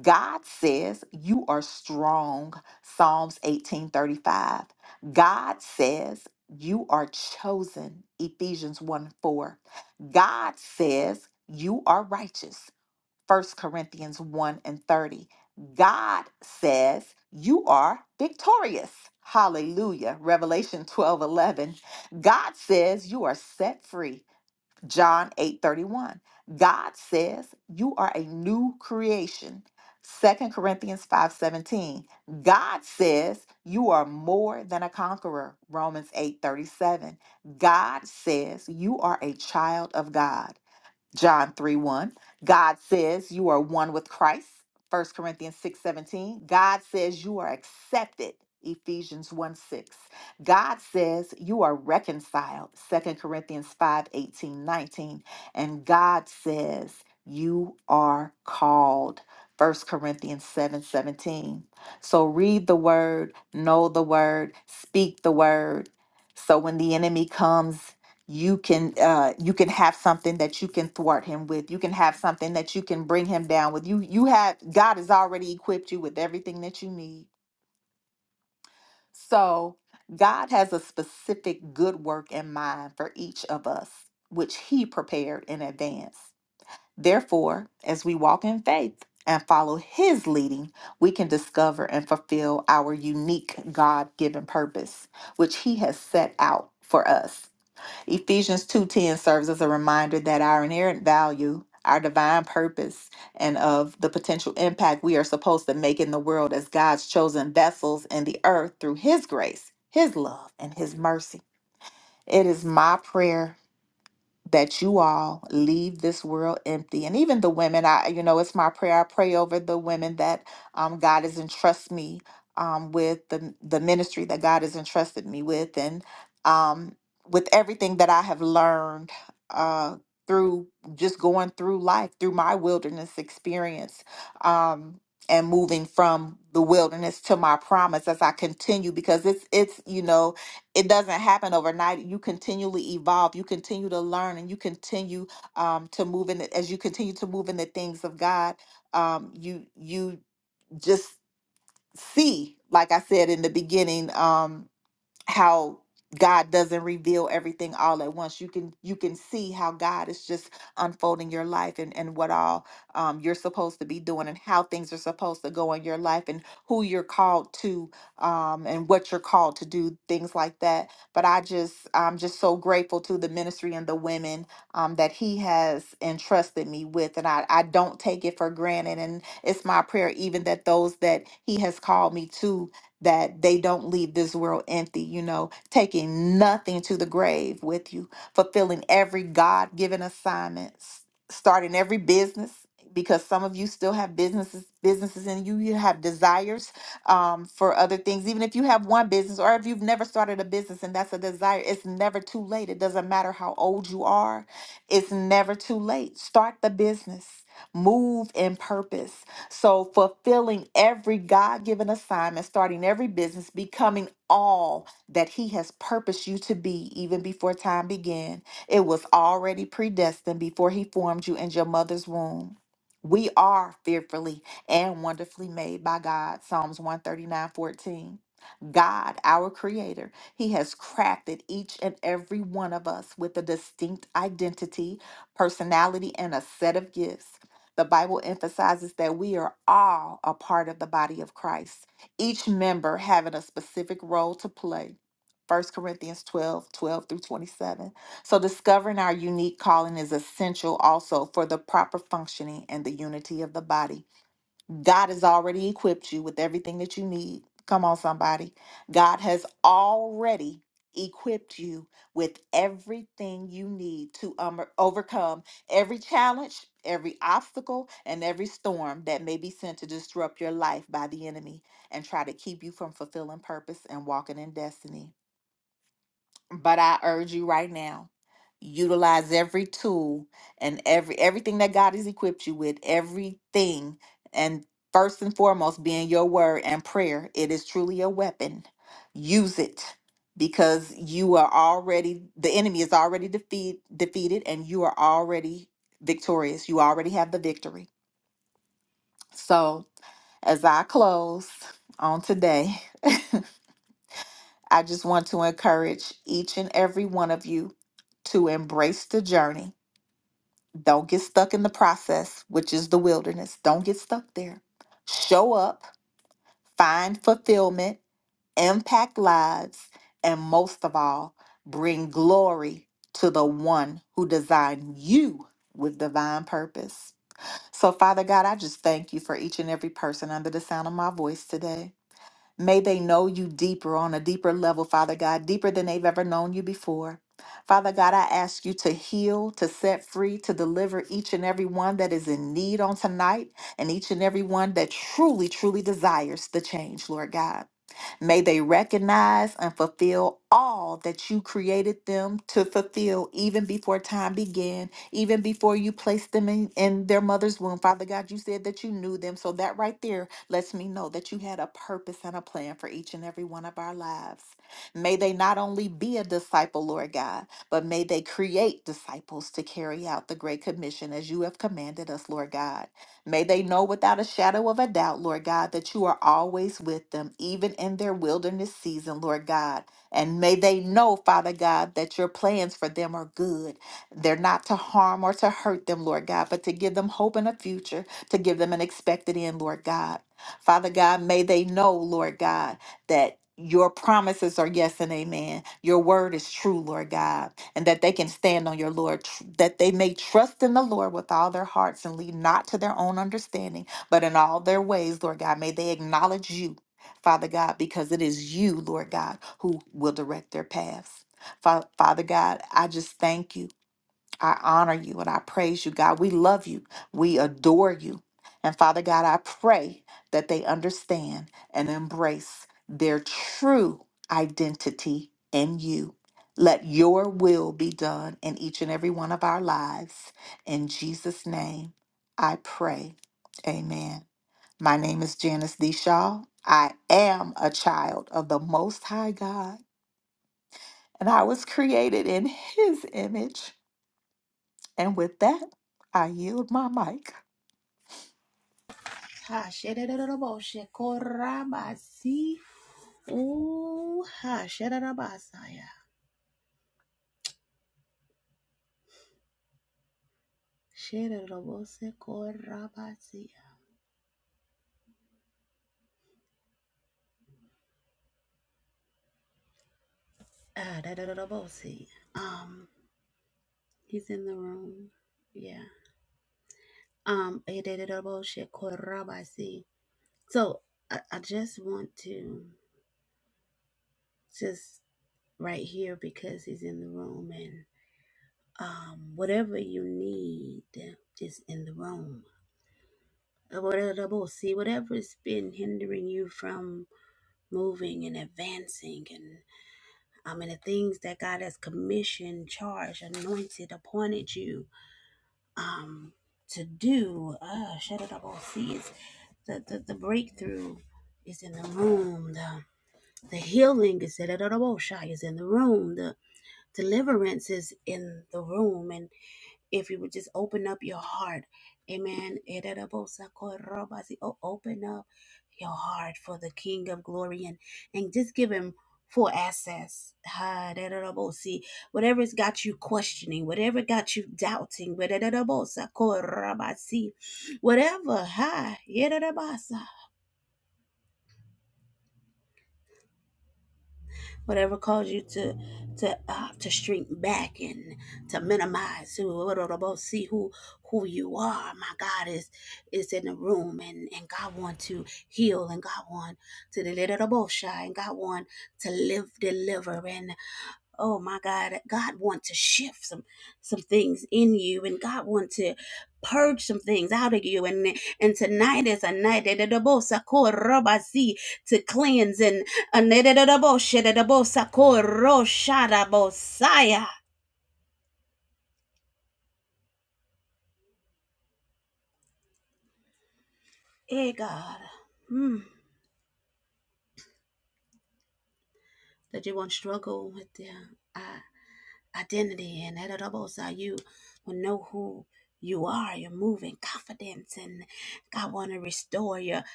C: God says you are strong, Psalms 18 35. God says you are chosen, Ephesians 1 4. God says you are righteous, First Corinthians 1 and 30. God says you are victorious. Hallelujah. Revelation 12 11. God says you are set free. John 8:31. God says, "You are a new creation." Second Corinthians 5:17. God says, "You are more than a conqueror." Romans 8:37. God says, "You are a child of God." John 3 1. God says you are one with Christ. First Corinthians six seventeen. God says you are accepted. Ephesians 1 6. God says you are reconciled. Second Corinthians 5 18 19, And God says you are called. First Corinthians 7 17. So read the word, know the word, speak the word. So when the enemy comes you can uh you can have something that you can thwart him with you can have something that you can bring him down with you you have god has already equipped you with everything that you need so god has a specific good work in mind for each of us which he prepared in advance therefore as we walk in faith and follow his leading we can discover and fulfill our unique god-given purpose which he has set out for us Ephesians 2:10 serves as a reminder that our inherent value, our divine purpose, and of the potential impact we are supposed to make in the world as God's chosen vessels in the earth through his grace, his love, and his mercy. It is my prayer that you all leave this world empty. And even the women, I, you know, it's my prayer. I pray over the women that um, God has entrusted me um, with the the ministry that God has entrusted me with, and um, with everything that I have learned uh, through just going through life, through my wilderness experience. Um, and moving from the wilderness to my promise as I continue because it's it's you know it doesn't happen overnight. You continually evolve, you continue to learn, and you continue um, to move in. the- As you continue to move in the things of God, um, you you just see, like I said in the beginning. Um, how God doesn't reveal everything all at once. You can you can see how God is just unfolding your life and and what all um, you're supposed to be doing and how things are supposed to go in your life and who you're called to um, and what you're called to do things like that. But I just I'm just so grateful to the ministry and the women um, that He has entrusted me with, and I I don't take it for granted. And it's my prayer even that those that He has called me to that they don't leave this world empty, you know, taking nothing to the grave with you, fulfilling every God given assignment, s- starting every business because some of you still have businesses businesses in you you have desires um, for other things even if you have one business or if you've never started a business and that's a desire it's never too late it doesn't matter how old you are it's never too late start the business move in purpose so, fulfilling every God given assignment, starting every business, becoming all that He has purposed you to be even before time began. It was already predestined before He formed you in your mother's womb. We are fearfully and wonderfully made by God. Psalms one thirty nine fourteen. God, our creator, he has crafted each and every one of us with a distinct identity, personality, and a set of gifts. The Bible emphasizes that we are all a part of the body of Christ, each member having a specific role to play. First Corinthians 12, 12 through 27. So, discovering our unique calling is essential also for the proper functioning and the unity of the body. God has already equipped you with everything that you need. Come on, somebody. God has already equipped you with everything you need to um, overcome every challenge, every obstacle, and every storm that may be sent to disrupt your life by the enemy and try to keep you from fulfilling purpose and walking in destiny. But I urge you right now, utilize every tool and every everything that God has equipped you with, everything. And first and foremost, being your word and prayer. It is truly a weapon. Use it because you are already the enemy is already defeat defeated and you are already victorious. You already have the victory. So as I close on today, I just want to encourage each and every one of you to embrace the journey. Don't get stuck in the process, which is the wilderness. Don't get stuck there. Show up, find fulfillment, impact lives, and most of all, bring glory to the one who designed you with divine purpose. So, Father God, I just thank you for each and every person under the sound of my voice today. May they know you deeper on a deeper level, Father God, deeper than they've ever known you before. Father God, I ask you to heal, to set free, to deliver each and every one that is in need on tonight, and each and every one that truly, truly desires the change, Lord God. May they recognize and fulfill all that you created them to fulfill even before time began, even before you placed them in, in their mother's womb. Father God, you said that you knew them. So that right there lets me know that you had a purpose and a plan for each and every one of our lives. May they not only be a disciple, Lord God, but may they create disciples to carry out the Great Commission as you have commanded us, Lord God. May they know without a shadow of a doubt, Lord God, that you are always with them, even in their wilderness season, Lord God. And may they know, Father God, that your plans for them are good. They're not to harm or to hurt them, Lord God, but to give them hope and a future, to give them an expected end, Lord God. Father God, may they know, Lord God, that your promises are yes and amen. Your word is true, Lord God, and that they can stand on your Lord, tr- that they may trust in the Lord with all their hearts and lead not to their own understanding, but in all their ways, Lord God, may they acknowledge you, Father God, because it is you, Lord God, who will direct their paths. Fa- Father God, I just thank you. I honor you and I praise you, God. We love you. We adore you. And Father God, I pray that they understand and embrace their true identity in you. Let your will be done in each and every one of our lives. In Jesus' name, I pray. Amen. My name is Janice D. Shaw. I am a child of the Most High God, and I was created in His image. And with that, I yield my mic.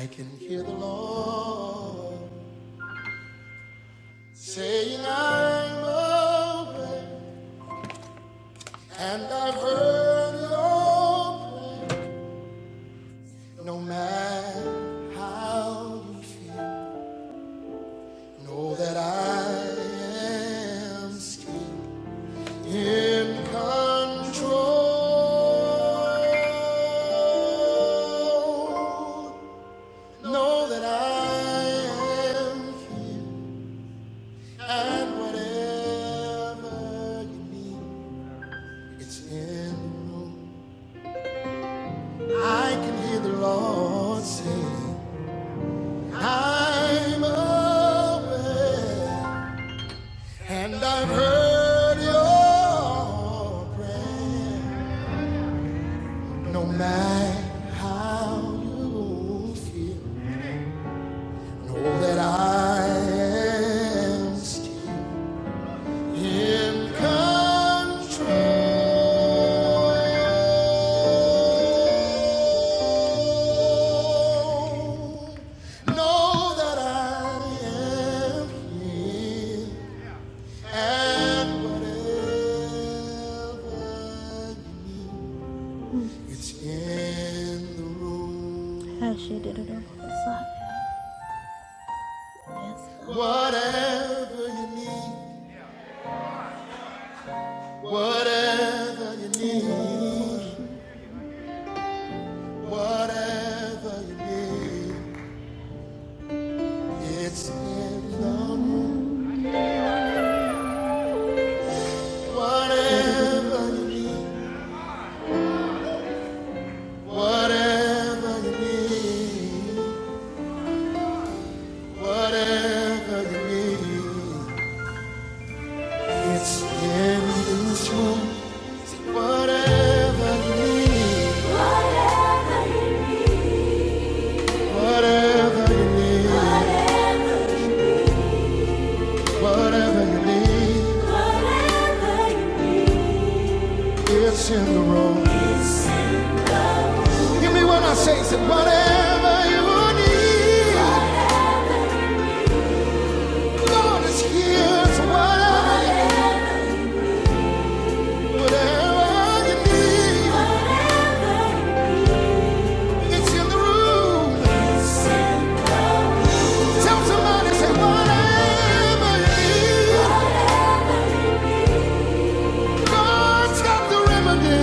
A: I can hear the Lord saying, I'm open, and I've heard your prayer. No matter how you feel, know that I am in control. Know that I am here, and whatever you need, it's in the room. I can hear the Lord saying, I'm aware, and I've heard your prayer. No matter how you feel, know that I am still. In control. Know that I am here and whatever you need, it's in the room. Whatever you need, whatever you need, whatever you need, it's in the room. Whatever you need, whatever you need, whatever you need, it's in this room. Whatever you need, whatever you need, whatever you need, whatever whatever you you need, whatever you need, it's in the room. Give me what I say, say whatever you need. Lord is here, so whatever, whatever you need, it's in the room. Tell somebody, say whatever you need, God's got the remedy.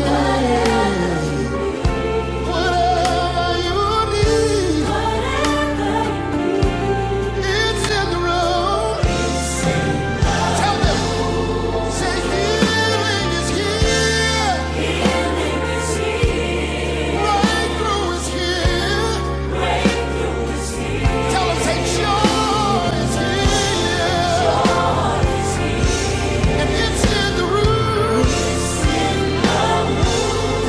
A: Whatever you need, it's in the room. Tell them, say healing is here, breakthrough is here. Tell them, joy is here, and it's in the room.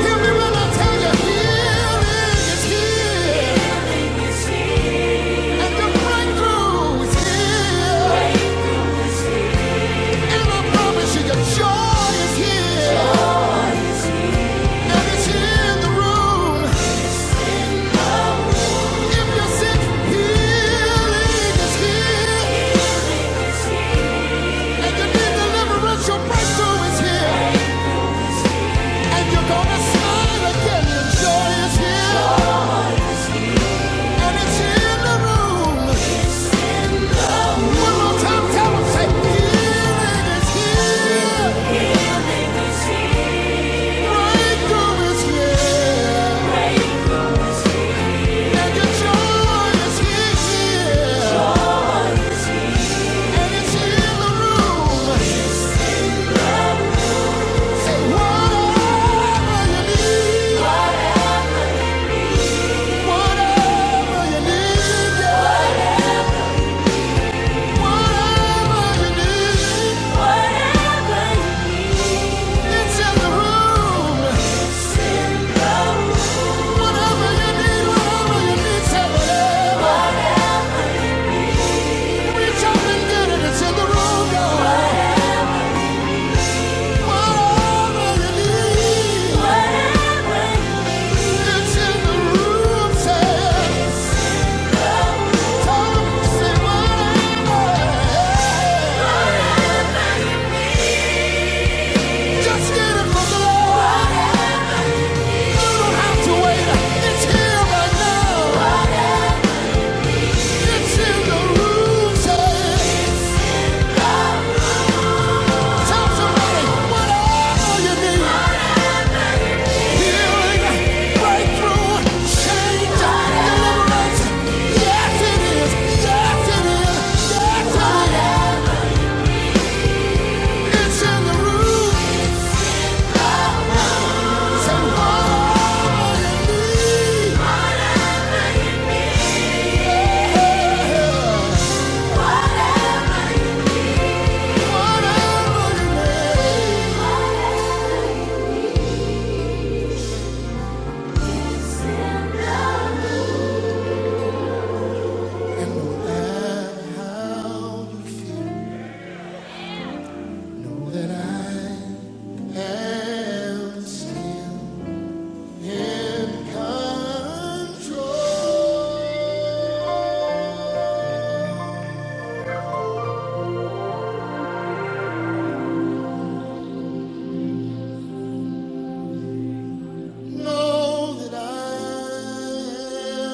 A: Hear me when I tell you, healing is here, and the breakthrough is here. And I promise you, joy is here, and it's in the room. If you're sick, healing is here, and you need deliverance, your breakthrough is here, and you're gonna smile again. joy is here, and it's in the room. Whatever you need, whatever you need, say whatever. Just get it from the Lord. You don't have to wait. It's here right now. It's in the room. Say, tell somebody whatever you need. Control. Know that I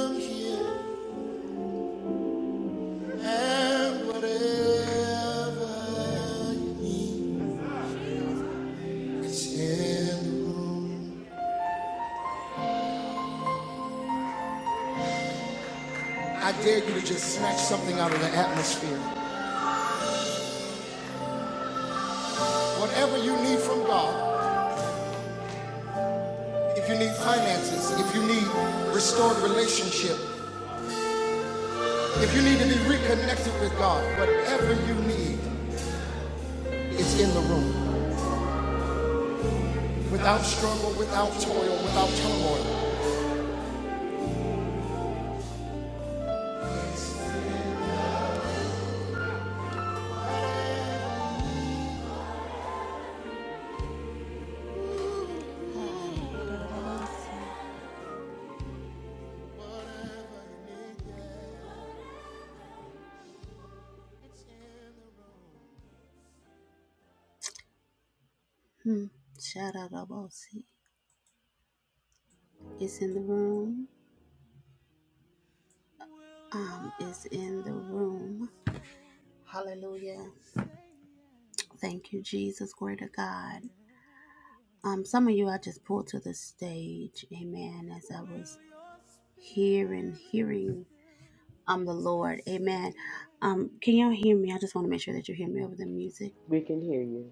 A: am here and whatever is in the room. I dare you to just snatch something out of the atmosphere. Whatever you need from God, if you need finances, if you need restored relationship, if you need to be reconnected with God, whatever you need is in the room. Without struggle, without toil, without turmoil.
B: We can hear you.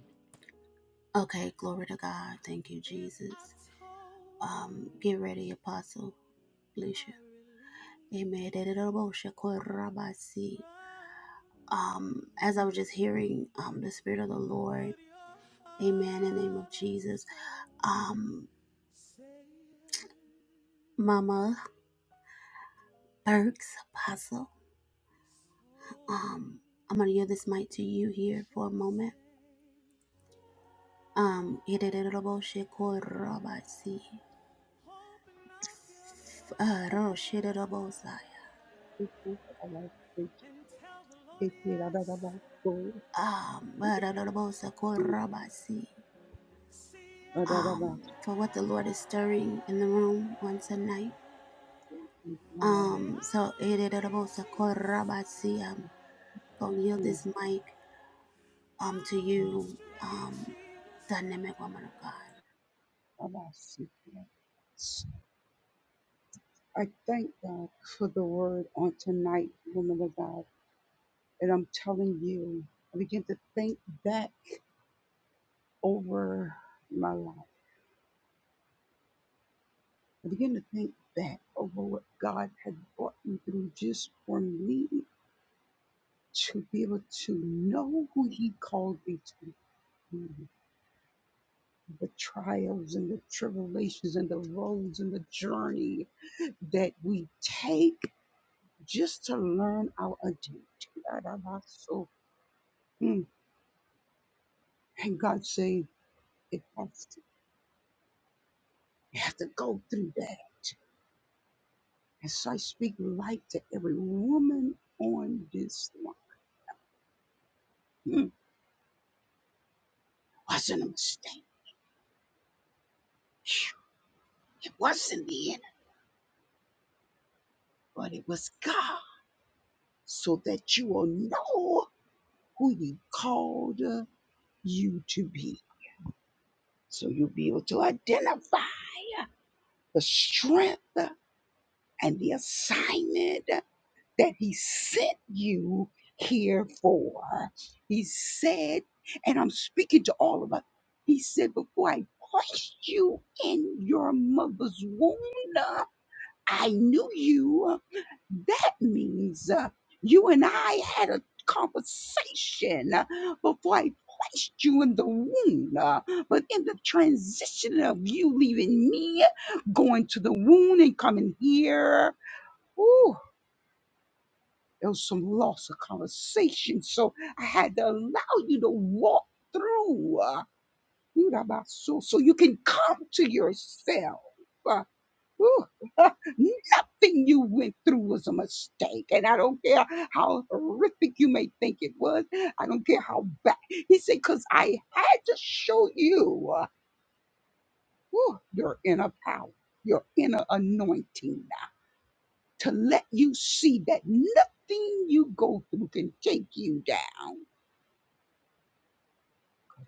D: I thank God for the word on tonight, woman of God. And I'm telling you, I begin to think back over my life. I begin to think back over what God had brought me through just for me to be able to know who He called me to be. the trials and the tribulations and the roads and the journey that we take just to learn our identity. So, mm, and God say it has to, you have to go through that. And so I speak life to every woman on this line. Mm, wasn't a mistake. Phew, It wasn't the enemy, but it was God. So that you will know who He called uh, you to be. So you'll be able to identify the strength and the assignment that He sent you here for. He said, and I'm speaking to all of us, He said, Before I placed you in your mother's womb, I knew you. That means uh, you and I had a conversation uh, before I placed you in the womb. uh, But in the transition of you leaving me, going to the womb and coming here, ooh, there was some loss of conversation. So I had to allow you to walk through uh, about so so you can come to yourself. uh, Whew. Nothing you went through was a mistake. And I don't care how horrific you may think it was. I don't care how bad. He said, because I had to show you uh, whew, your inner power, your inner anointing uh, to let you see that nothing you go through can take you down.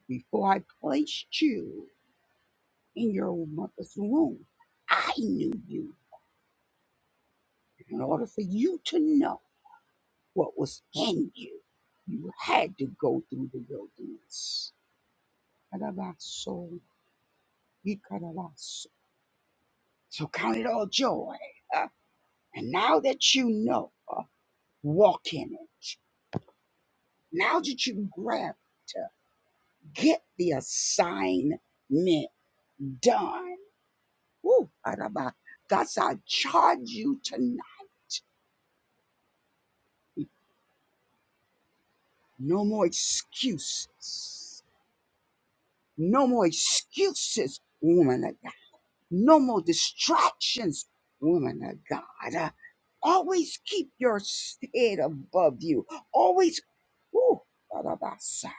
D: Before I placed you in your mother's womb, I knew you in order for you to know. what was in you. You had to go through the wilderness. Karabaso, ikarabaso. So count it all joy. uh, and now that you know, uh, walk in it. Now that you grab it, uh, get the assignment done. Woo, karaba. That's I charge you tonight. No more excuses. No more excuses, woman of No more distractions, woman of God. Uh, Always keep your s- head above you. Always, woo, ba-da-ba-sa,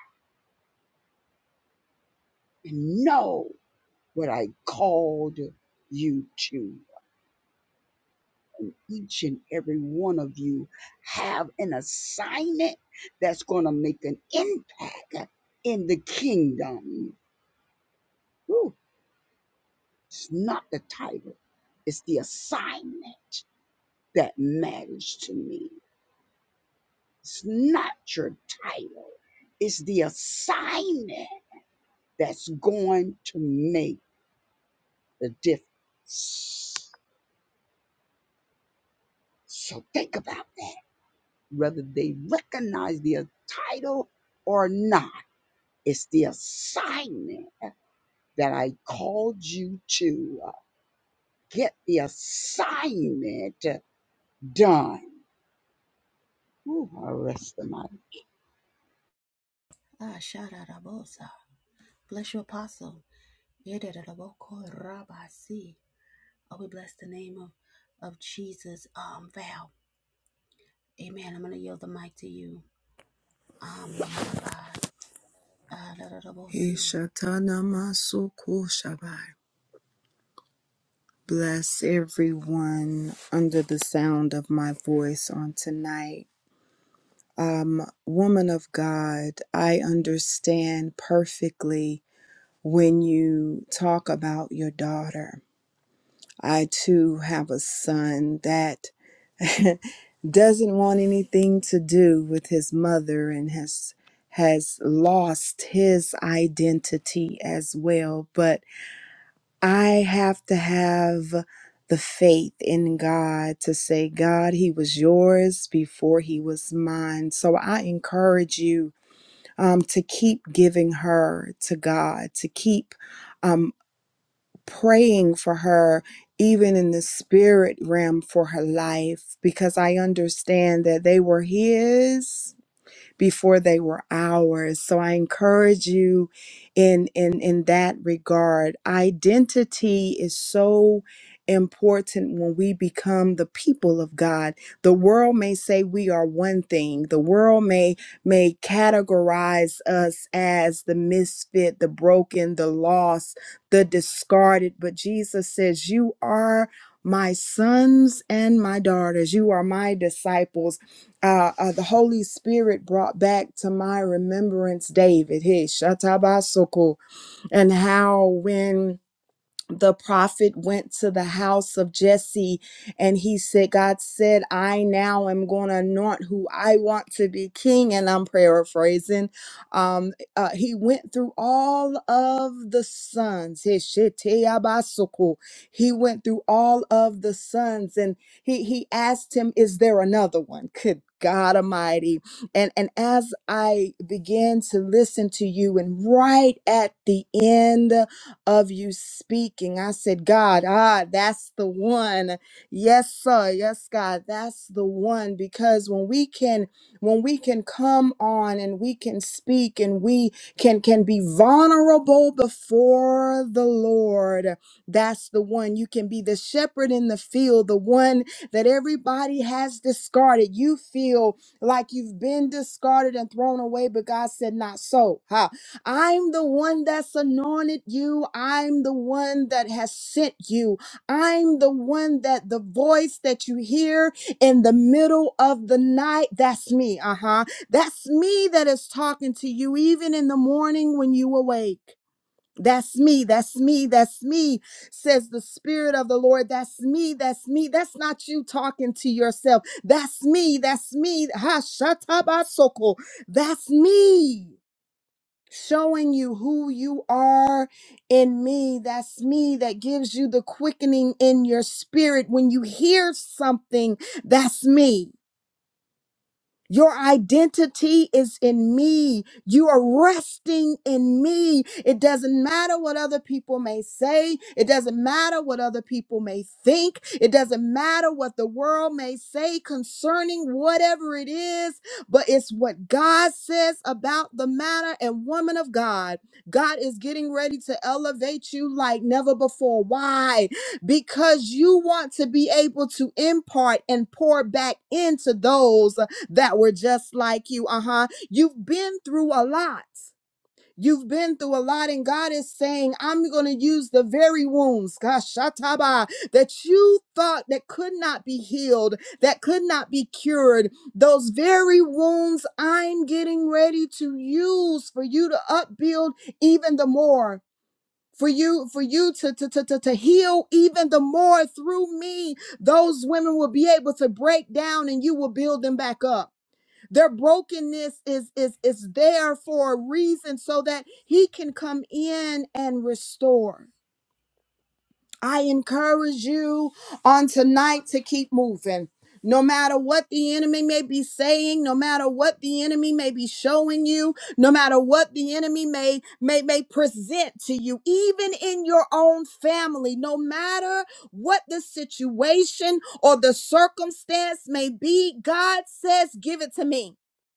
D: and know what I called you to. And each and every one of you have an assignment that's going to make an impact in the kingdom. Woo, it's not the title, it's the assignment that matters to me. It's not your title, it's the assignment that's going to make the difference. So think about that. Whether they recognize the title or not, it's the assignment that I called you to uh, get the assignment done. Ooh, I rest in my
E: Ishatanamasukushabai. Bless everyone under the sound of my voice on tonight. Um, woman of God, I understand perfectly when you talk about your daughter. I too have a son that doesn't want anything to do with his mother and has has lost his identity as well. But I have to have the faith in God to say, God, He was yours before He was mine. So I encourage you um, to keep giving her to God, to keep um, praying for her, even in the spirit realm for her life, because I understand that they were His before they were ours. So I encourage you in in in that regard. Identity is so important when we become the people of God. The world may say we are one thing. The world may may categorize us as the misfit, the broken, the lost, the discarded, but Jesus says you are my sons and my daughters. You are my disciples uh, uh, the Holy Spirit brought back to my remembrance David, hey, Shatabasoko, and how when the prophet went to the house of Jesse and he said, God said, I now am going to anoint who I want to be king. And I'm paraphrasing. Um, uh, he went through all of the sons. His sheteabasuku. He went through all of the sons and he, he asked him, Is there another one? Good God Almighty. And, and as I began to listen to you, and right at the end, of you speaking. I said, God, ah, that's the one. Yes, sir. Yes, God, that's the one. Because when we can, when we can come on and we can speak and we can can be vulnerable before the Lord, that's the one. You can be the shepherd in the field, the one that everybody has discarded. You feel like you've been discarded and thrown away, but God said, not so. Ha. I'm the one that's anointed you. I'm the one that has sent you. I'm the one that the voice that you hear in the middle of the night, that's me. Uh huh. That's me that is talking to you, even in the morning when you awake. That's me, that's me, that's me, says the Spirit of the Lord. That's me, that's me. That's not you talking to yourself. That's me, that's me. Ha shatabasoko. That's me showing you who you are in me. That's me that gives you the quickening in your spirit. When you hear something, that's me. Your identity is in me. You are resting in me. It doesn't matter what other people may say. It doesn't matter what other people may think. It doesn't matter what the world may say concerning whatever it is, but it's what God says about the matter. And woman of God, God is getting ready to elevate you like never before. Why? Because you want to be able to impart and pour back into those that were just like you. Uh huh. You've been through a lot. You've been through a lot, and God is saying, I'm going to use the very wounds, gosh, shataba, that you thought that could not be healed, that could not be cured. Those very wounds I'm getting ready to use for you to upbuild even the more. For you, for you to, to, to, to, to heal even the more through me, those women will be able to break down and you will build them back up their brokenness is, is, is there for a reason so that he can come in and restore. I encourage you on tonight to keep moving. No matter what the enemy may be saying, no matter what the enemy may be showing you, no matter what the enemy may may may present to you, even in your own family, no matter what the situation or the circumstance may be, God says, "Give it to me."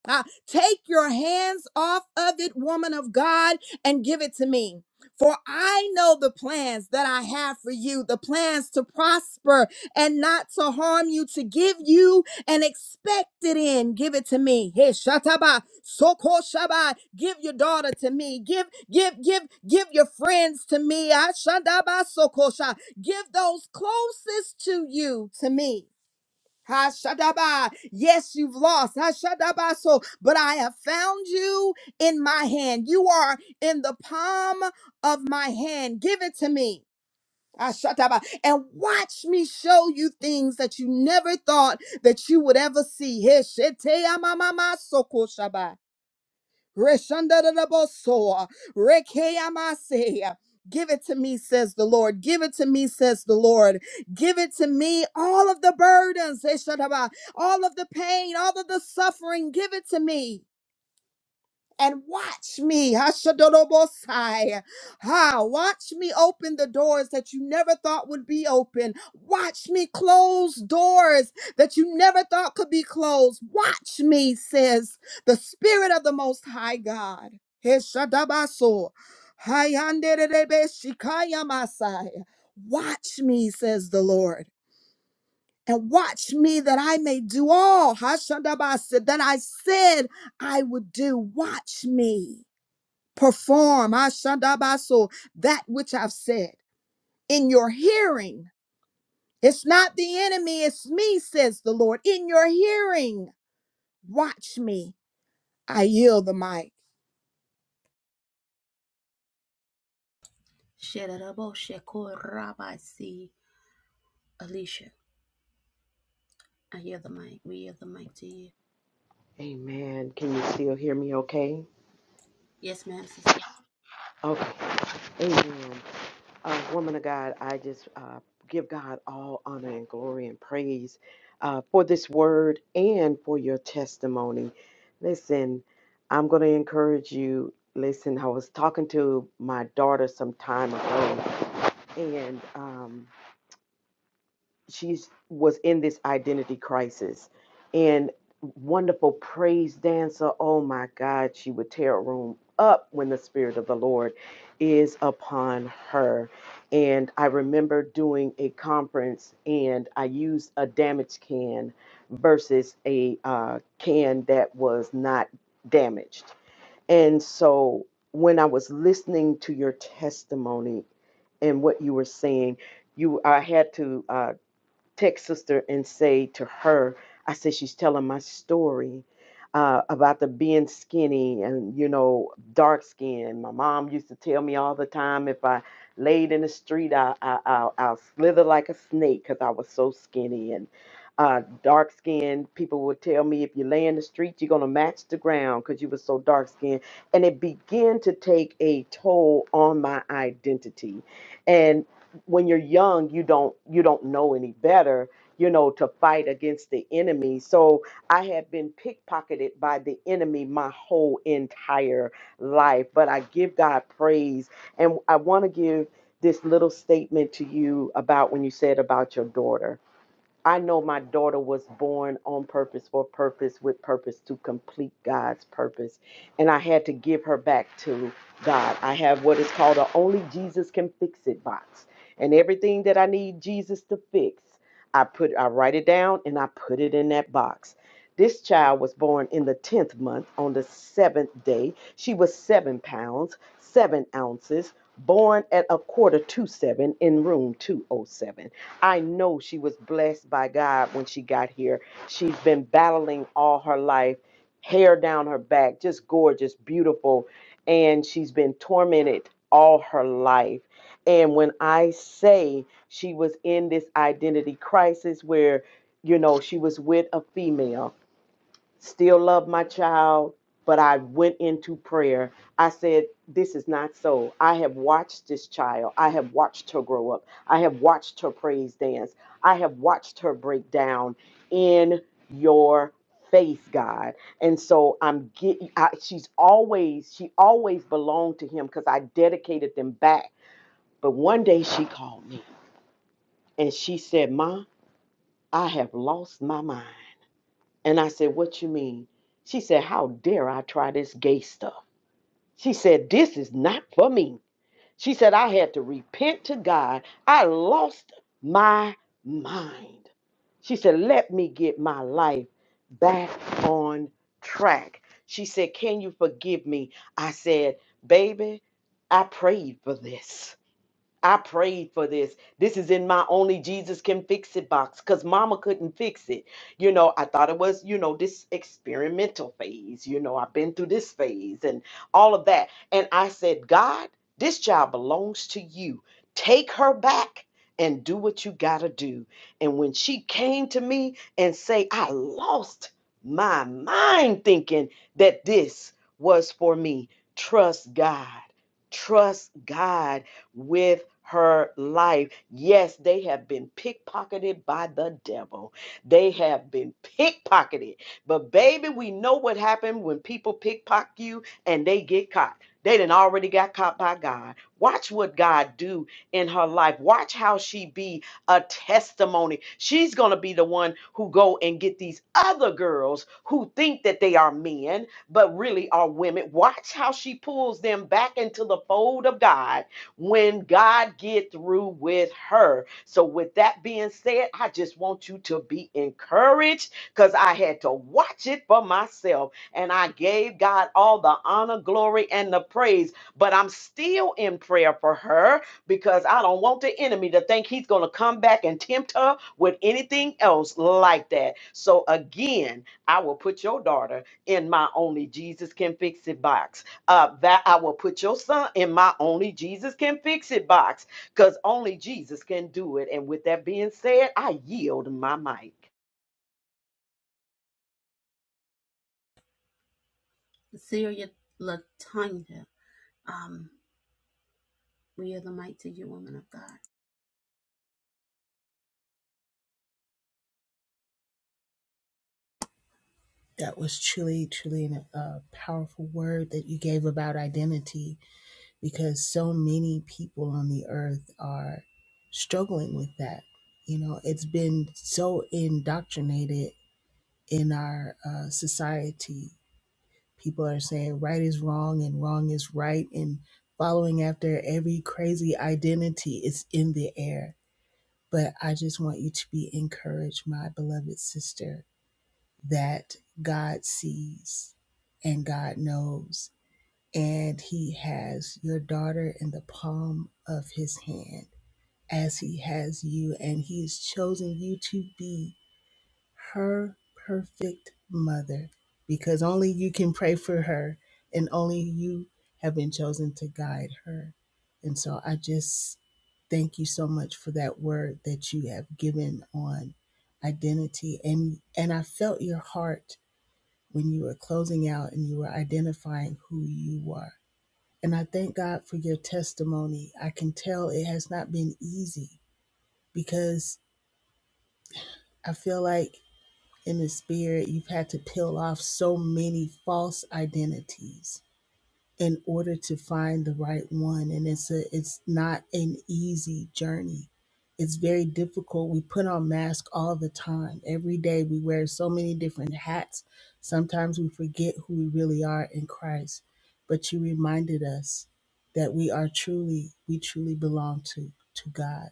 E: Ah, take your hands off of it, woman of God, and give it to me. For I know the plans that I have for you, the plans to prosper and not to harm you, to give you an expected end. Give it to me. Hey, shataba, soko shaba. Give your daughter to me. Give, give, give, give your friends to me. Ah, shandaba, soko sha. Give those closest to you to me. Hashadaba. Yes, you've lost. Hashadaba. So, but I have found you in my hand. You are in the palm of my hand. Give it to me. Hashadaba. And watch me show you things that you never thought that you would ever see. Heshetea mamama sokoshaba. Reshandarabosoa. Rekeamasea. Give it to me, says the Lord. Give it to me, says the Lord. Give it to me, all of the burdens, Eshataba, all of the pain, all of the suffering. Give it to me and watch me. Hashadodobosai. Ha, watch me open the doors that you never thought would be open. Watch me close doors that you never thought could be closed. Watch me, says the Spirit of the Most High God. Heshadabaso. Hayanderebeshikayamasai. Watch me, says the Lord. And watch me that I may do all Hashadabasa, that I said I would do. Watch me perform Ashandabaso, that which I've said in your hearing. It's not the enemy, it's me, says the Lord. In your hearing, watch me. I yield the mic.
B: Amen. Can you still hear me okay? Okay. Amen. Uh, woman of God, I just uh, give God all honor and glory and praise uh, for this word and for your testimony. Listen, I'm going to encourage you. Listen, I was talking to my daughter some time ago, and um, she was in this identity crisis and wonderful praise dancer oh my god she would tear a room up when the spirit of the lord is upon her and i remember doing a conference and i used a damaged can versus a uh, can that was not damaged and so when i was listening to your testimony and what you were saying you i had to uh, text sister and say to her, I said, she's telling my story uh, about the being skinny and, you know, dark skin. My mom used to tell me all the time if I laid in the street, I, I, I, I'll slither like a snake because I was so skinny. And uh, dark skinned people would tell me if you lay in the street, you're going to match the ground because you were so dark skinned. And it began to take a toll on my identity. and when you're young you don't you don't know any better you know to fight against the enemy so i have been pickpocketed by the enemy my whole entire life but i give god praise and i want to give this little statement to you about when you said about your daughter I know my daughter was born on purpose for purpose with purpose to complete God's purpose. And I had to give her back to God. I have what is called a only Jesus can fix it box. And everything that I need Jesus to fix, I put I write it down and I put it in that box. This child was born in the 10th month on the seventh day. She was seven pounds, seven ounces, born at a quarter to seven in room 207. I know she was blessed by God when she got here. She's been battling all her life, hair down her back, just gorgeous, beautiful, and she's been tormented all her life. And when I say she was in this identity crisis where, you know, she was with a female still love my child, but I went into prayer. I said, This is not so. I have watched this child. I have watched her grow up. I have watched her praise dance. I have watched her break down in your face, God. And so I'm getting, I, she's always, she always belonged to him because I dedicated them back. But one day she called me and she said, Ma, I have lost my mind. And I said, What you mean? She said, How dare I try this gay stuff? She said, This is not for me. She said, I had to repent to God. I lost my mind. She said, Let me get my life back on track. She said, Can you forgive me? I said, Baby, I prayed for this. I prayed for this. This is in my only Jesus can fix it box because mama couldn't fix it. You know, I thought it was, you know, this experimental phase. You know, I've been through this phase and all of that. And I said, God, this child belongs to you. Take her back and do what you got to do. And when she came to me and say, I lost my mind thinking that this was for me. Trust God. Trust God with her life. Yes, they have been pickpocketed by the devil. They have been pickpocketed. But baby, we know what happened when people pickpocket you and they get caught. They done already got caught by God. Watch what God do in her life. Watch how she be a testimony. She's gonna be the one who go and get these other girls who think that they are men, but really are women. Watch how she pulls them back into the fold of God when God get through with her. So with that being said, I just want you to be encouraged cuz I had to watch it for myself and I gave God all the honor, glory and the praise, but I'm still in prayer for her because I don't want the enemy to think he's going to come back and tempt her with anything else like that. So again, I will put your daughter in my only Jesus can fix it box uh, that I will put your son in my only Jesus can fix it box because only Jesus can do it. And with that being said, I yield my mic.
F: that was truly, truly an, a uh, powerful word that you gave about identity because so many people on the earth are struggling with that. You know, it's been so indoctrinated in our uh, society. People are saying right is wrong and wrong is right, and following after every crazy identity is in the air. But I just want you to be encouraged, my beloved sister that God sees and God knows. And He has your daughter in the palm of His hand as He has you. And He has chosen you to be her perfect mother because only you can pray for her and only you have been chosen to guide her. And so I just thank you so much for that word that you have given on identity and and I felt your heart when you were closing out and you were identifying who you were. And I thank God for your testimony. I can tell it has not been easy because I feel like in the spirit, you've had to peel off so many false identities in order to find the right one and it's a it's not an easy journey it's very difficult we put on masks all the time every day we wear so many different hats sometimes we forget who we really are in christ but you reminded us that we are truly we truly belong to to god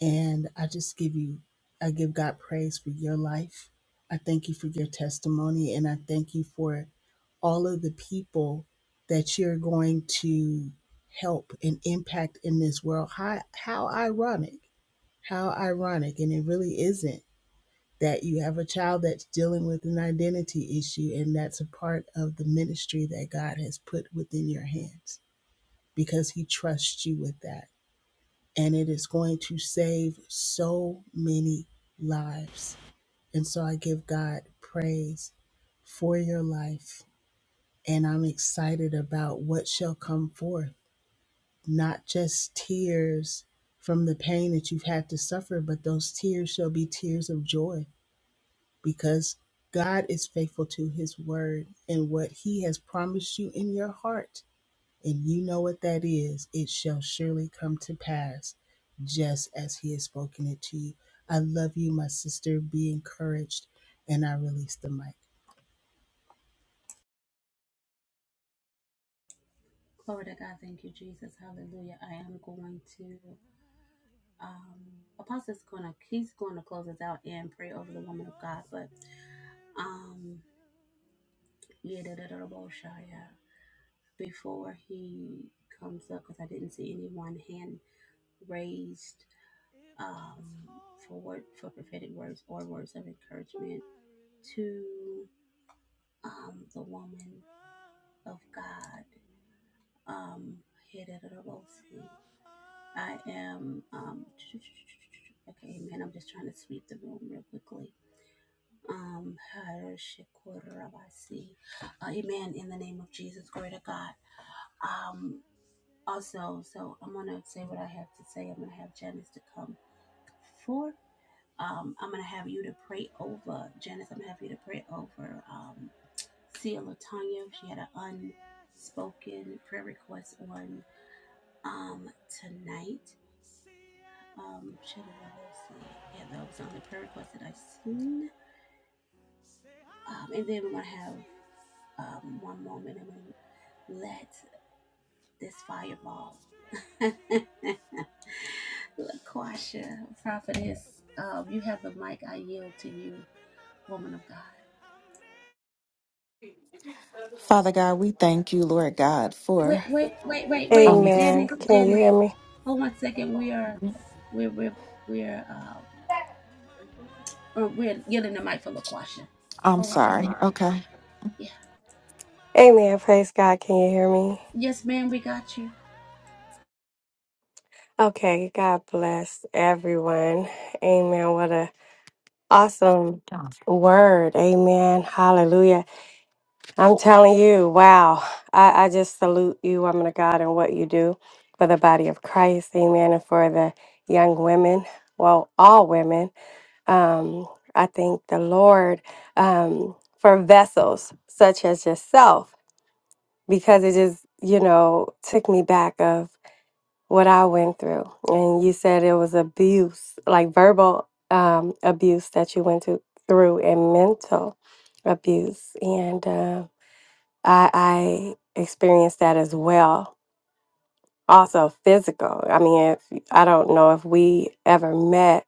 F: and I just give you, I give God praise for your life. I thank you for your testimony. And I thank you for all of the people that you're going to help and impact in this world. How, how ironic. How ironic. And it really isn't that you have a child that's dealing with an identity issue, and that's a part of the ministry that God has put within your hands because He trusts you with that and it is going to save so many lives. And so I give God praise for your life. And I'm excited about what shall come forth, not just tears from the pain that you've had to suffer, but those tears shall be tears of joy because God is faithful to his word and what he has promised you in your heart and you know what that is, it shall surely come to pass just as he has spoken it to you. I love you, my sister. Be encouraged. And I release the mic.
C: Father God, we thank you, Lord God, for um this.
G: Amen. Can you hear me?
C: I'm sorry. Okay.
G: Amen. Praise God. Can you hear me? Okay. God bless everyone. Amen. What a awesome word. Amen. Hallelujah. I'm telling you, wow. I, I just salute you, woman of God, and what you do for the body of Christ. Amen. And for the young women. Well, all women. Um, I thank the Lord um, for vessels such as yourself because it just, you know, took me back of what I went through. And you said it was abuse, like verbal um, abuse that you went to, through and mental abuse. And uh, I, I experienced that as well. Also, physical. I mean, if, I don't know if we ever met,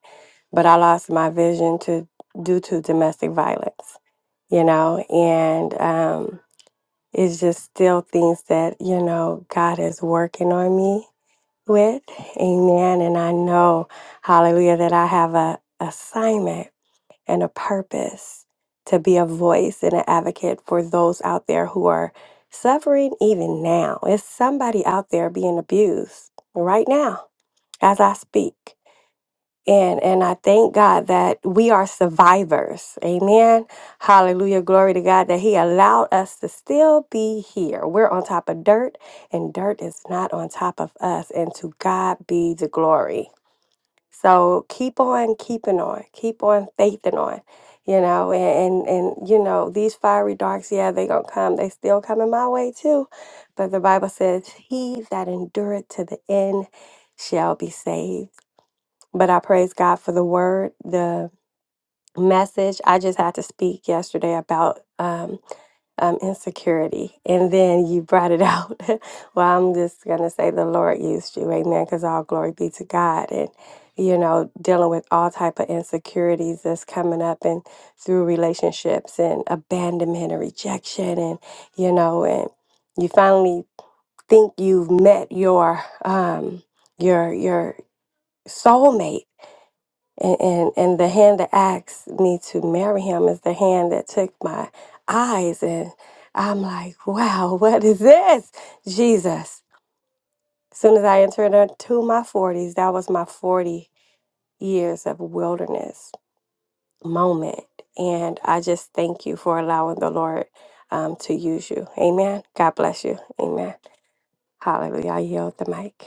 G: but I lost my vision to due to domestic violence, you know, and um, it's just still things that, you know, God is working on me with. Amen. And I know, hallelujah, that I have a assignment and a purpose to be a voice and an advocate for those out there who are suffering even now. It's somebody out there being abused right now as I speak. And and I thank God that we are survivors. Amen. Hallelujah. Glory to God that He allowed us to still be here. We're on top of dirt, and dirt is not on top of us. And to God be the glory. So keep on keeping on. Keep on faithing on. You know, and, and and you know, these fiery darks, yeah, they gonna come. They still coming my way too. But the Bible says, He that endureth to the end shall be saved. But I praise God for the word, the message. I just had to speak yesterday about um, um, insecurity. And then you brought it out. well, I'm just going to say the Lord used you. Amen. Because all glory be to God. And, you know, dealing with all type of insecurities that's coming up and through relationships and abandonment and rejection. And, you know, and you finally think you've met your, um, your, your soulmate and, and and the hand that asked me to marry him is the hand that took my eyes and i'm like wow what is this jesus as soon as i entered into my 40s that was my 40 years of wilderness moment and i just thank you for allowing the lord um, to use you amen god bless you amen hallelujah I yield the mic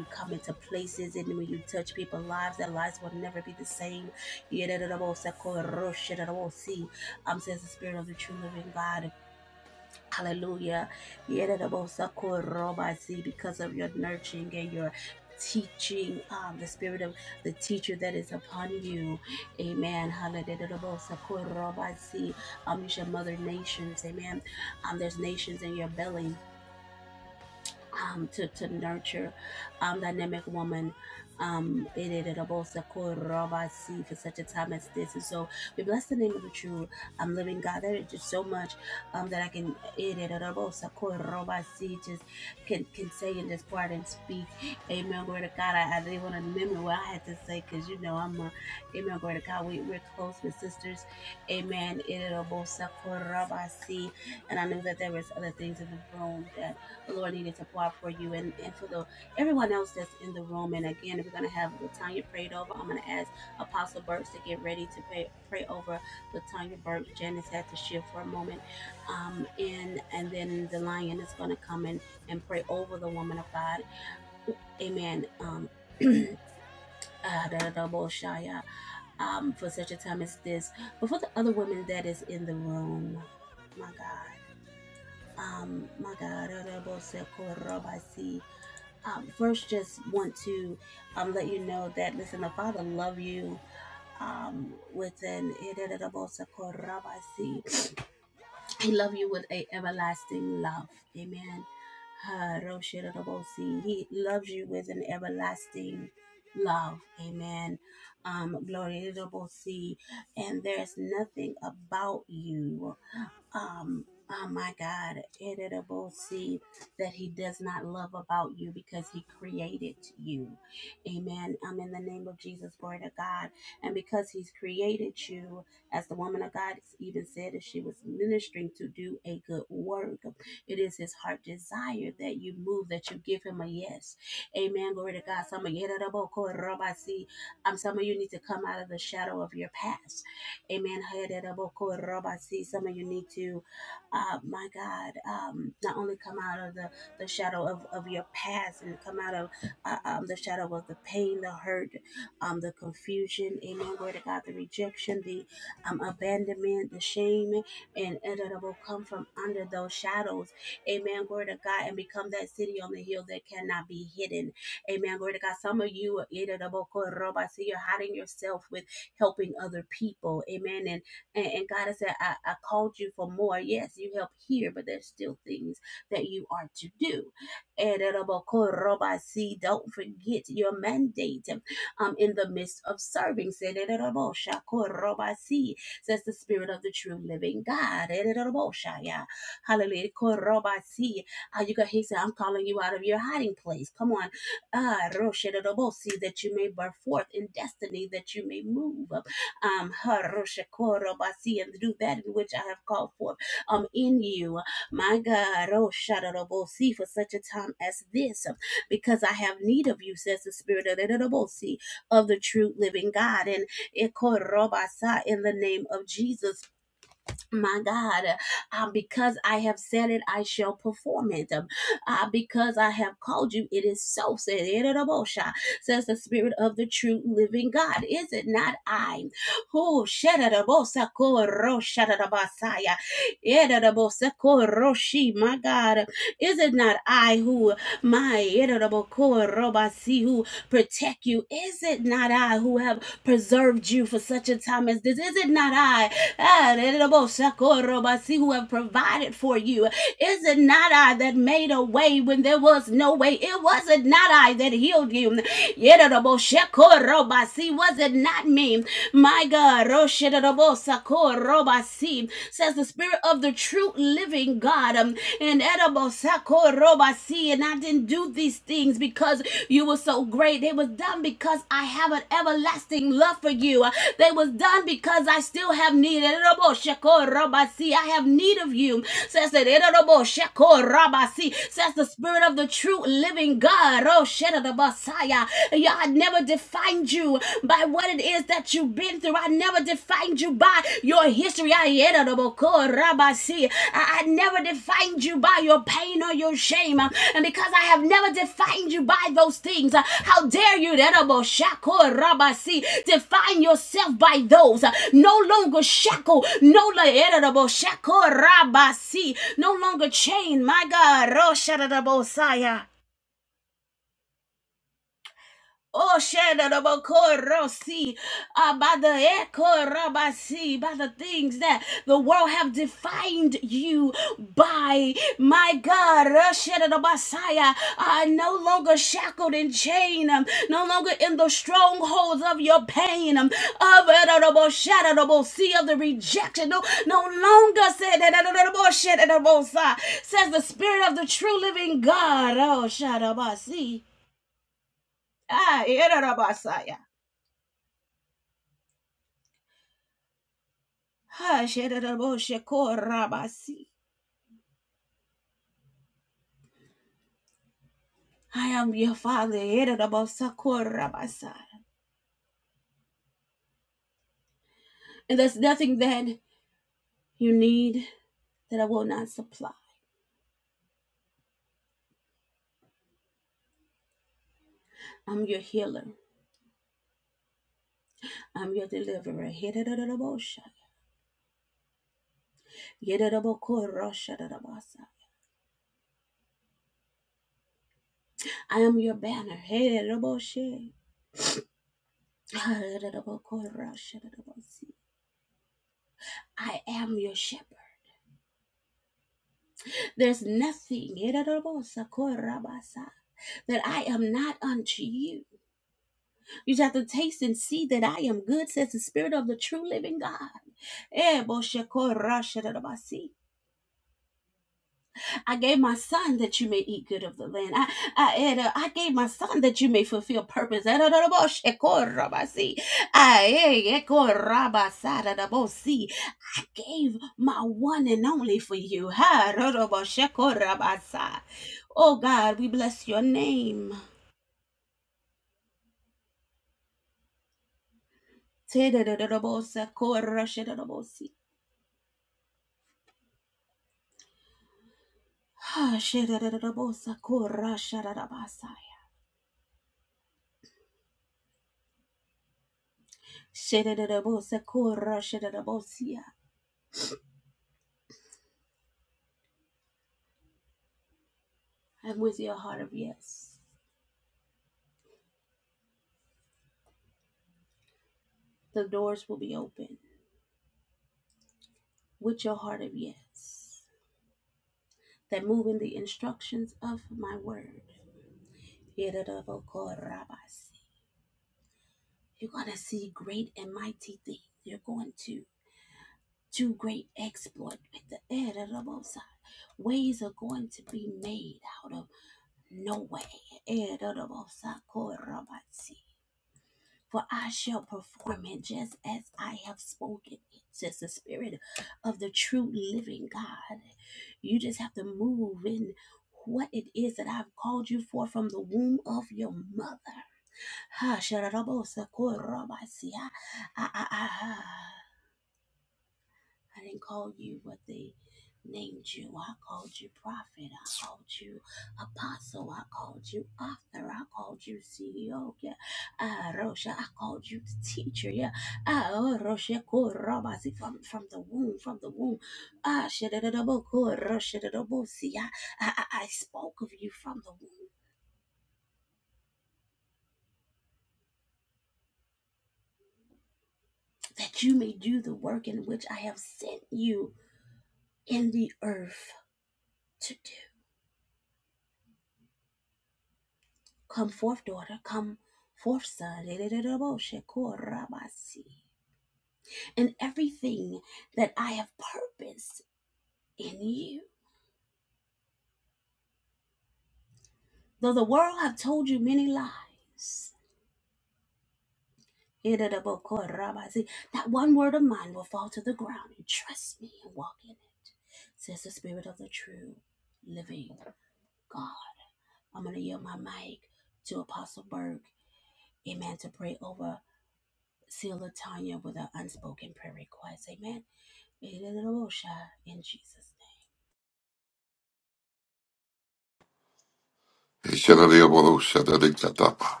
H: Shanali Amoro Shanali Katapa.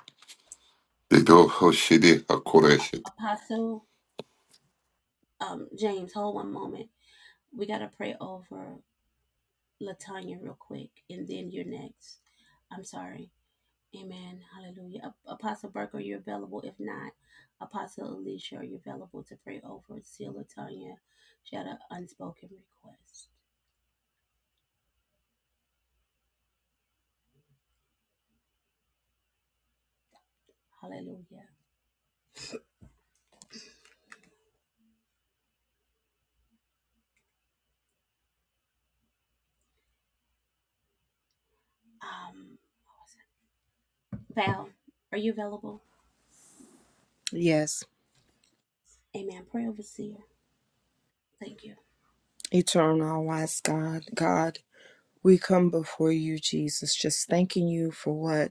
H: They do Hoshidi Hakureshi.
E: Yes, eternal, wise God, God, we come before you, Jesus, just thanking you for what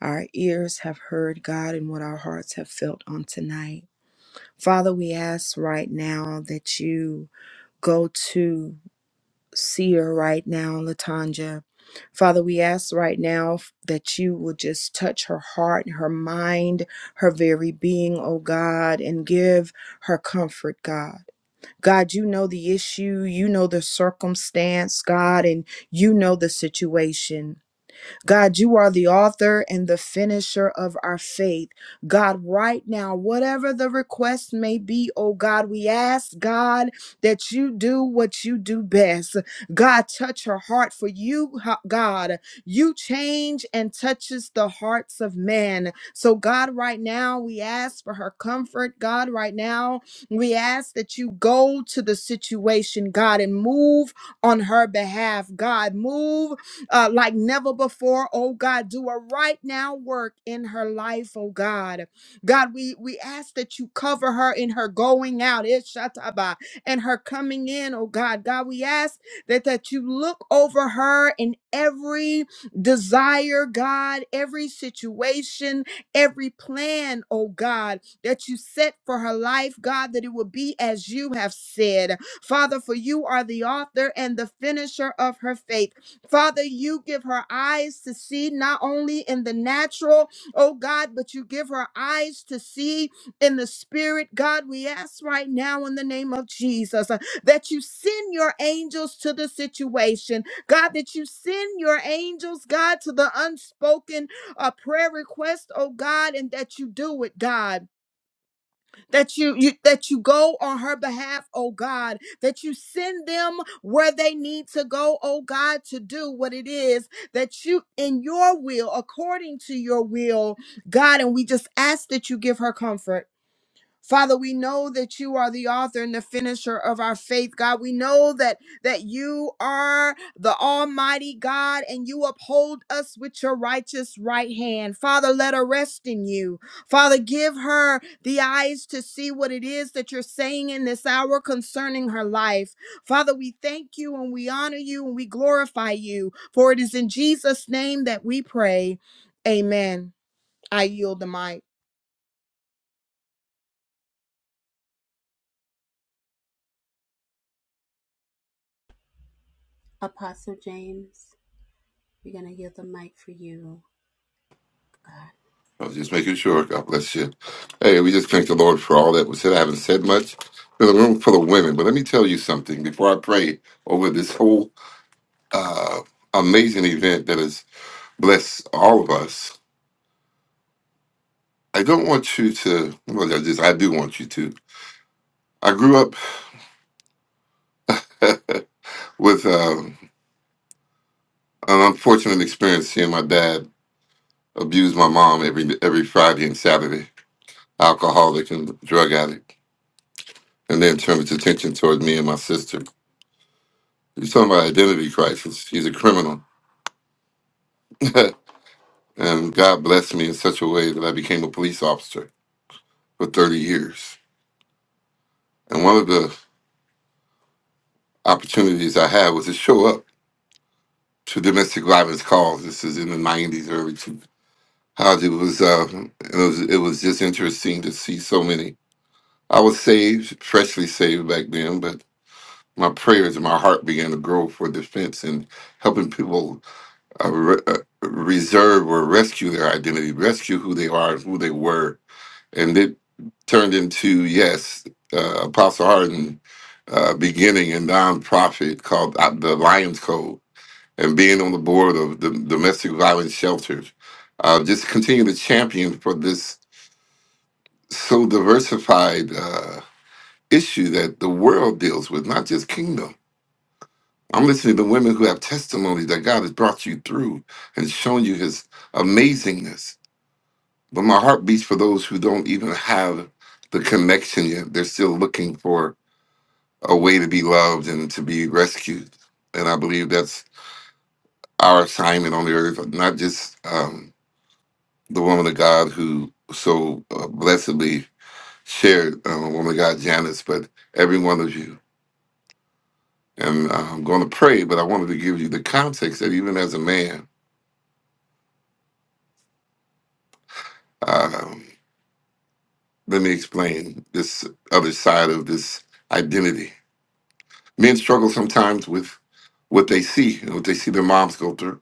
E: our ears have heard, God, and what our hearts have felt on tonight. Father, we ask right now that you go to. seer right now, Latanja. Father, we ask right now f- that you will just touch her heart, her mind, her very being, oh God, and give her comfort, God. God, you know the issue, you know the circumstance, God, and you know the situation. God, you are the author and the finisher of our faith. God, right now, whatever the request may be, oh God, we ask, God, that you do what you do best. God, touch her heart for you, ho- God. You change and touches the hearts of men. So, God, right now, we ask for her comfort. God, right now, we ask that you go to the situation, God, and move on her behalf. God, move uh, like never before. Oh God, do a right now work in her life. Oh God, God, we we ask that you cover her in her going out, Ishataba, and her coming in. Oh God, God, we ask that that you look over her in every desire, God, every situation, every plan. Oh God, that you set for her life, God, that it will be as you have said, Father. For you are the author and the finisher of her faith. Father, you give her eyes to see not only in the natural, oh God, but you give her eyes to see in the spirit. God, we ask right now in the name of Jesus uh, that you send your angels to the situation. God, that you send your angels, God, to the unspoken uh, prayer request, oh God, and that you do it, God that you, you that you go on her behalf oh god that you send them where they need to go oh god to do what it is that you in your will according to your will god and we just ask that you give her comfort Father, we know that you are the author and the finisher of our faith, God. We know that that you are the almighty God and you uphold us with your righteous right hand. Father, let her rest in you. Father, give her the eyes to see what it is that you're saying in this hour concerning her life. Father, we thank you and we honor you and we glorify you, for it is in Jesus name that we pray. Amen. I yield the mic.
H: I was just making sure. God bless you. Hey, we just thank the Lord for all that was said. I haven't said much. There's a room full of women, but let me tell you something before I pray over this whole uh, amazing event that has blessed all of us. I don't want you to, well, I just, I do want you to. I grew up with uh, an unfortunate experience seeing my dad abuse my mom every every Friday and Saturday, alcoholic and drug addict and then turned his attention toward me and my sister. He's talking about identity crisis. He's a criminal. and God blessed me in such a way that I became a police officer for 30 years. And one of the opportunities I had was to show up to domestic violence calls. This is in the 90s, early 2000s. It was, uh, it was, it was just interesting to see so many. I was saved, freshly saved back then, but my prayers and my heart began to grow for defense and helping people uh, re- uh, reserve or rescue their identity, rescue who they are, who they were, and it turned into yes, uh, Apostle Harden uh, beginning a nonprofit called uh, the Lions Code and being on the board of the domestic violence shelters. Uh, just continue to champion for this so diversified uh, issue that the world deals with, not just kingdom. I'm listening to women who have testimony that God has brought you through and shown you His amazingness But my heart beats for those who don't even have the connection yet. They're still looking for a way to be loved and to be rescued. And I believe that's our assignment on the earth, not just um, the woman of God who so uh, blessedly shared, uh, woman of God, Janice, but every one of you. And uh, I'm going to pray, but I wanted to give you the context that even as a man, um, let me explain this other side of this identity Men struggle sometimes with what they see and what they see their moms go through.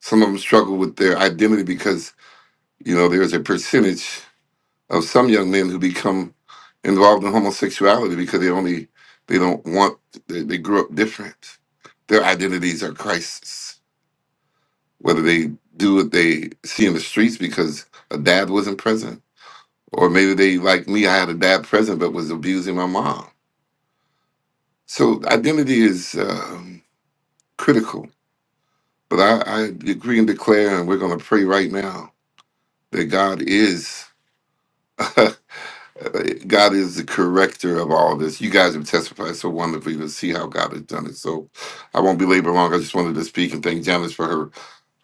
H: Some of them struggle with their identity because, you know, there's a percentage of some young men who become involved in homosexuality because they only, they don't want, they, they grew up different. Their identities are crisis. Whether they do what they see in the streets because a dad wasn't present, or maybe they, like me, I had a dad present but was abusing my mom. So identity is um critical But I, I agree and declare, and we're going to pray right now that God is God is the corrector of all this. You guys have testified so wonderfully to see how God has done it. So I won't belabor long. I just wanted to speak and thank Janice for her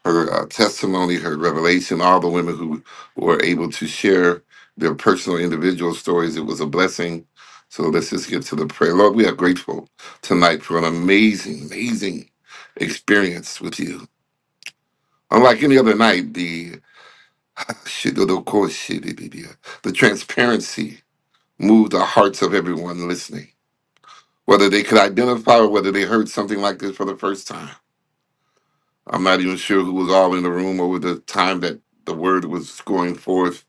H: her uh, testimony, her revelation. All the women who were able to share their personal individual stories. It was a blessing. So let's just get to the prayer. Lord, we are grateful tonight for an amazing, amazing experience with you unlike any other night, The The transparency moved the hearts of everyone listening, whether they could identify or whether they heard something like this for the first time. I'm not even sure who was all in the room over the time that the word was going forth,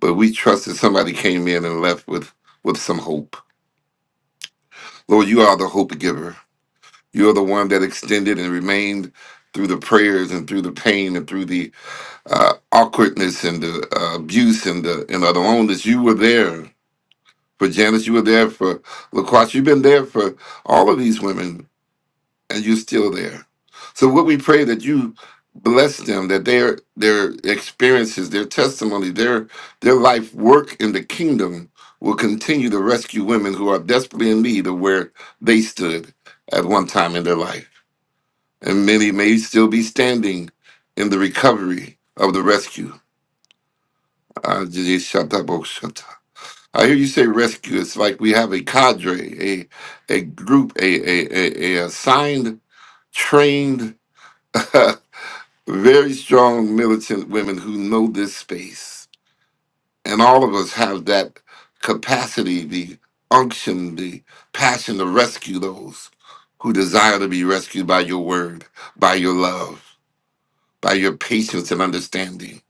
H: but we trusted somebody came in and left with, with some hope. Lord, you are the hope giver. You are the one that extended and remained through the prayers and through the pain and through the uh, awkwardness and the uh, abuse and the, and the loneliness. You were there For Janice, you were there. For LaCrosse, you've been there for all of these women, and you're still there. So what we pray that you bless them, that their their experiences, their testimony, their their life work in the kingdom will continue to rescue women who are desperately in need of where they stood at one time in their life. And many may still be standing in the recovery of the rescue. Ah, I hear you say rescue. It's like we have a cadre, a a group, a a a, a assigned, trained, very strong militant women who know this space, and all of us have that capacity, the unction, the passion to rescue those who desire to be rescued by your word, by your love by your patience and understanding.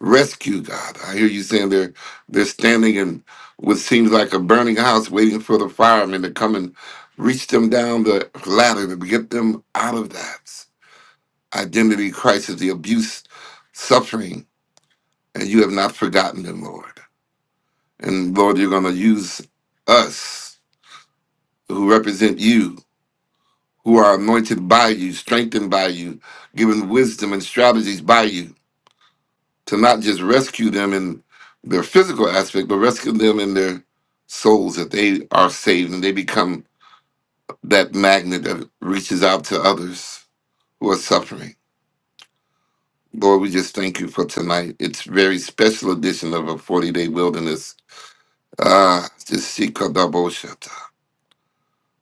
H: Rescue, God. I hear you saying they're they're standing in what seems like a burning house waiting for the firemen to come and reach them down the ladder to get them out of that identity crisis, the abuse, suffering, and you have not forgotten them, Lord. And Lord, you're going to use us who represent you, who are anointed by you, strengthened by you, given wisdom and strategies by you to not just rescue them in their physical aspect, but rescue them in their souls that they are saved and they become that magnet that reaches out to others who are suffering. Lord, we just thank you for tonight. It's very special edition of a 40 day wilderness. Ah, just seek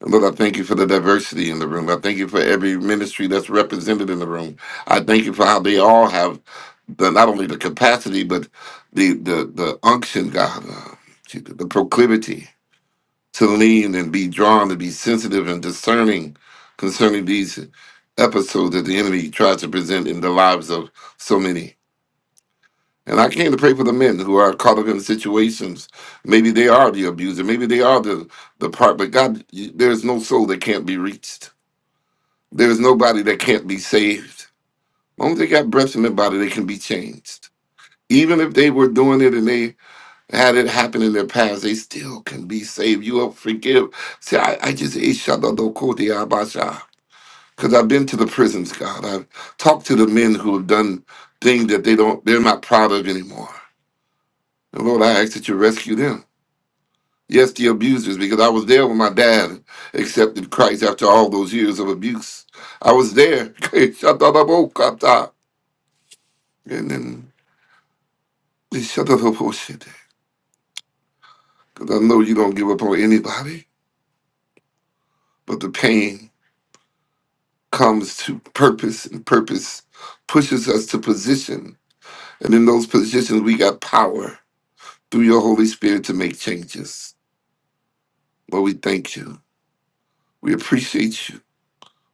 H: Lord, I thank you for the diversity in the room. I thank you for every ministry that's represented in the room. I thank you for how they all have the, not only the capacity, but the the the unction, God, uh, the proclivity to lean and be drawn, to be sensitive and discerning concerning these episodes that the enemy tries to present in the lives of so many. And I came to pray for the men who are caught up in situations. Maybe they are the abuser. Maybe they are the, the part. But God, you- there's no soul that can't be reached. There is nobody that can't be saved. As long as they got breath in their body, they can be changed. Even if they were doing it and they had it happen in their past, they still can be saved. You will forgive. See, I, I just ate because I've been to the prisons, God. I've talked to the men who have done things that they don't they're not proud of anymore. And Lord, I ask that you rescue them. Yes, the abusers, because I was there when my dad accepted Christ after all those years of abuse. I was there. And then we shut us up on shit. Because I know you don't give up on anybody, but the pain comes to purpose, and purpose pushes us to position. And in those positions, we got power through your Holy Spirit to make changes. Lord, we thank you. We appreciate you.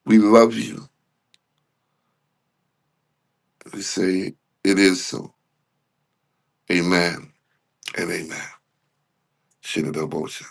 H: We love you. We say, it is so. Amen and amen. Shit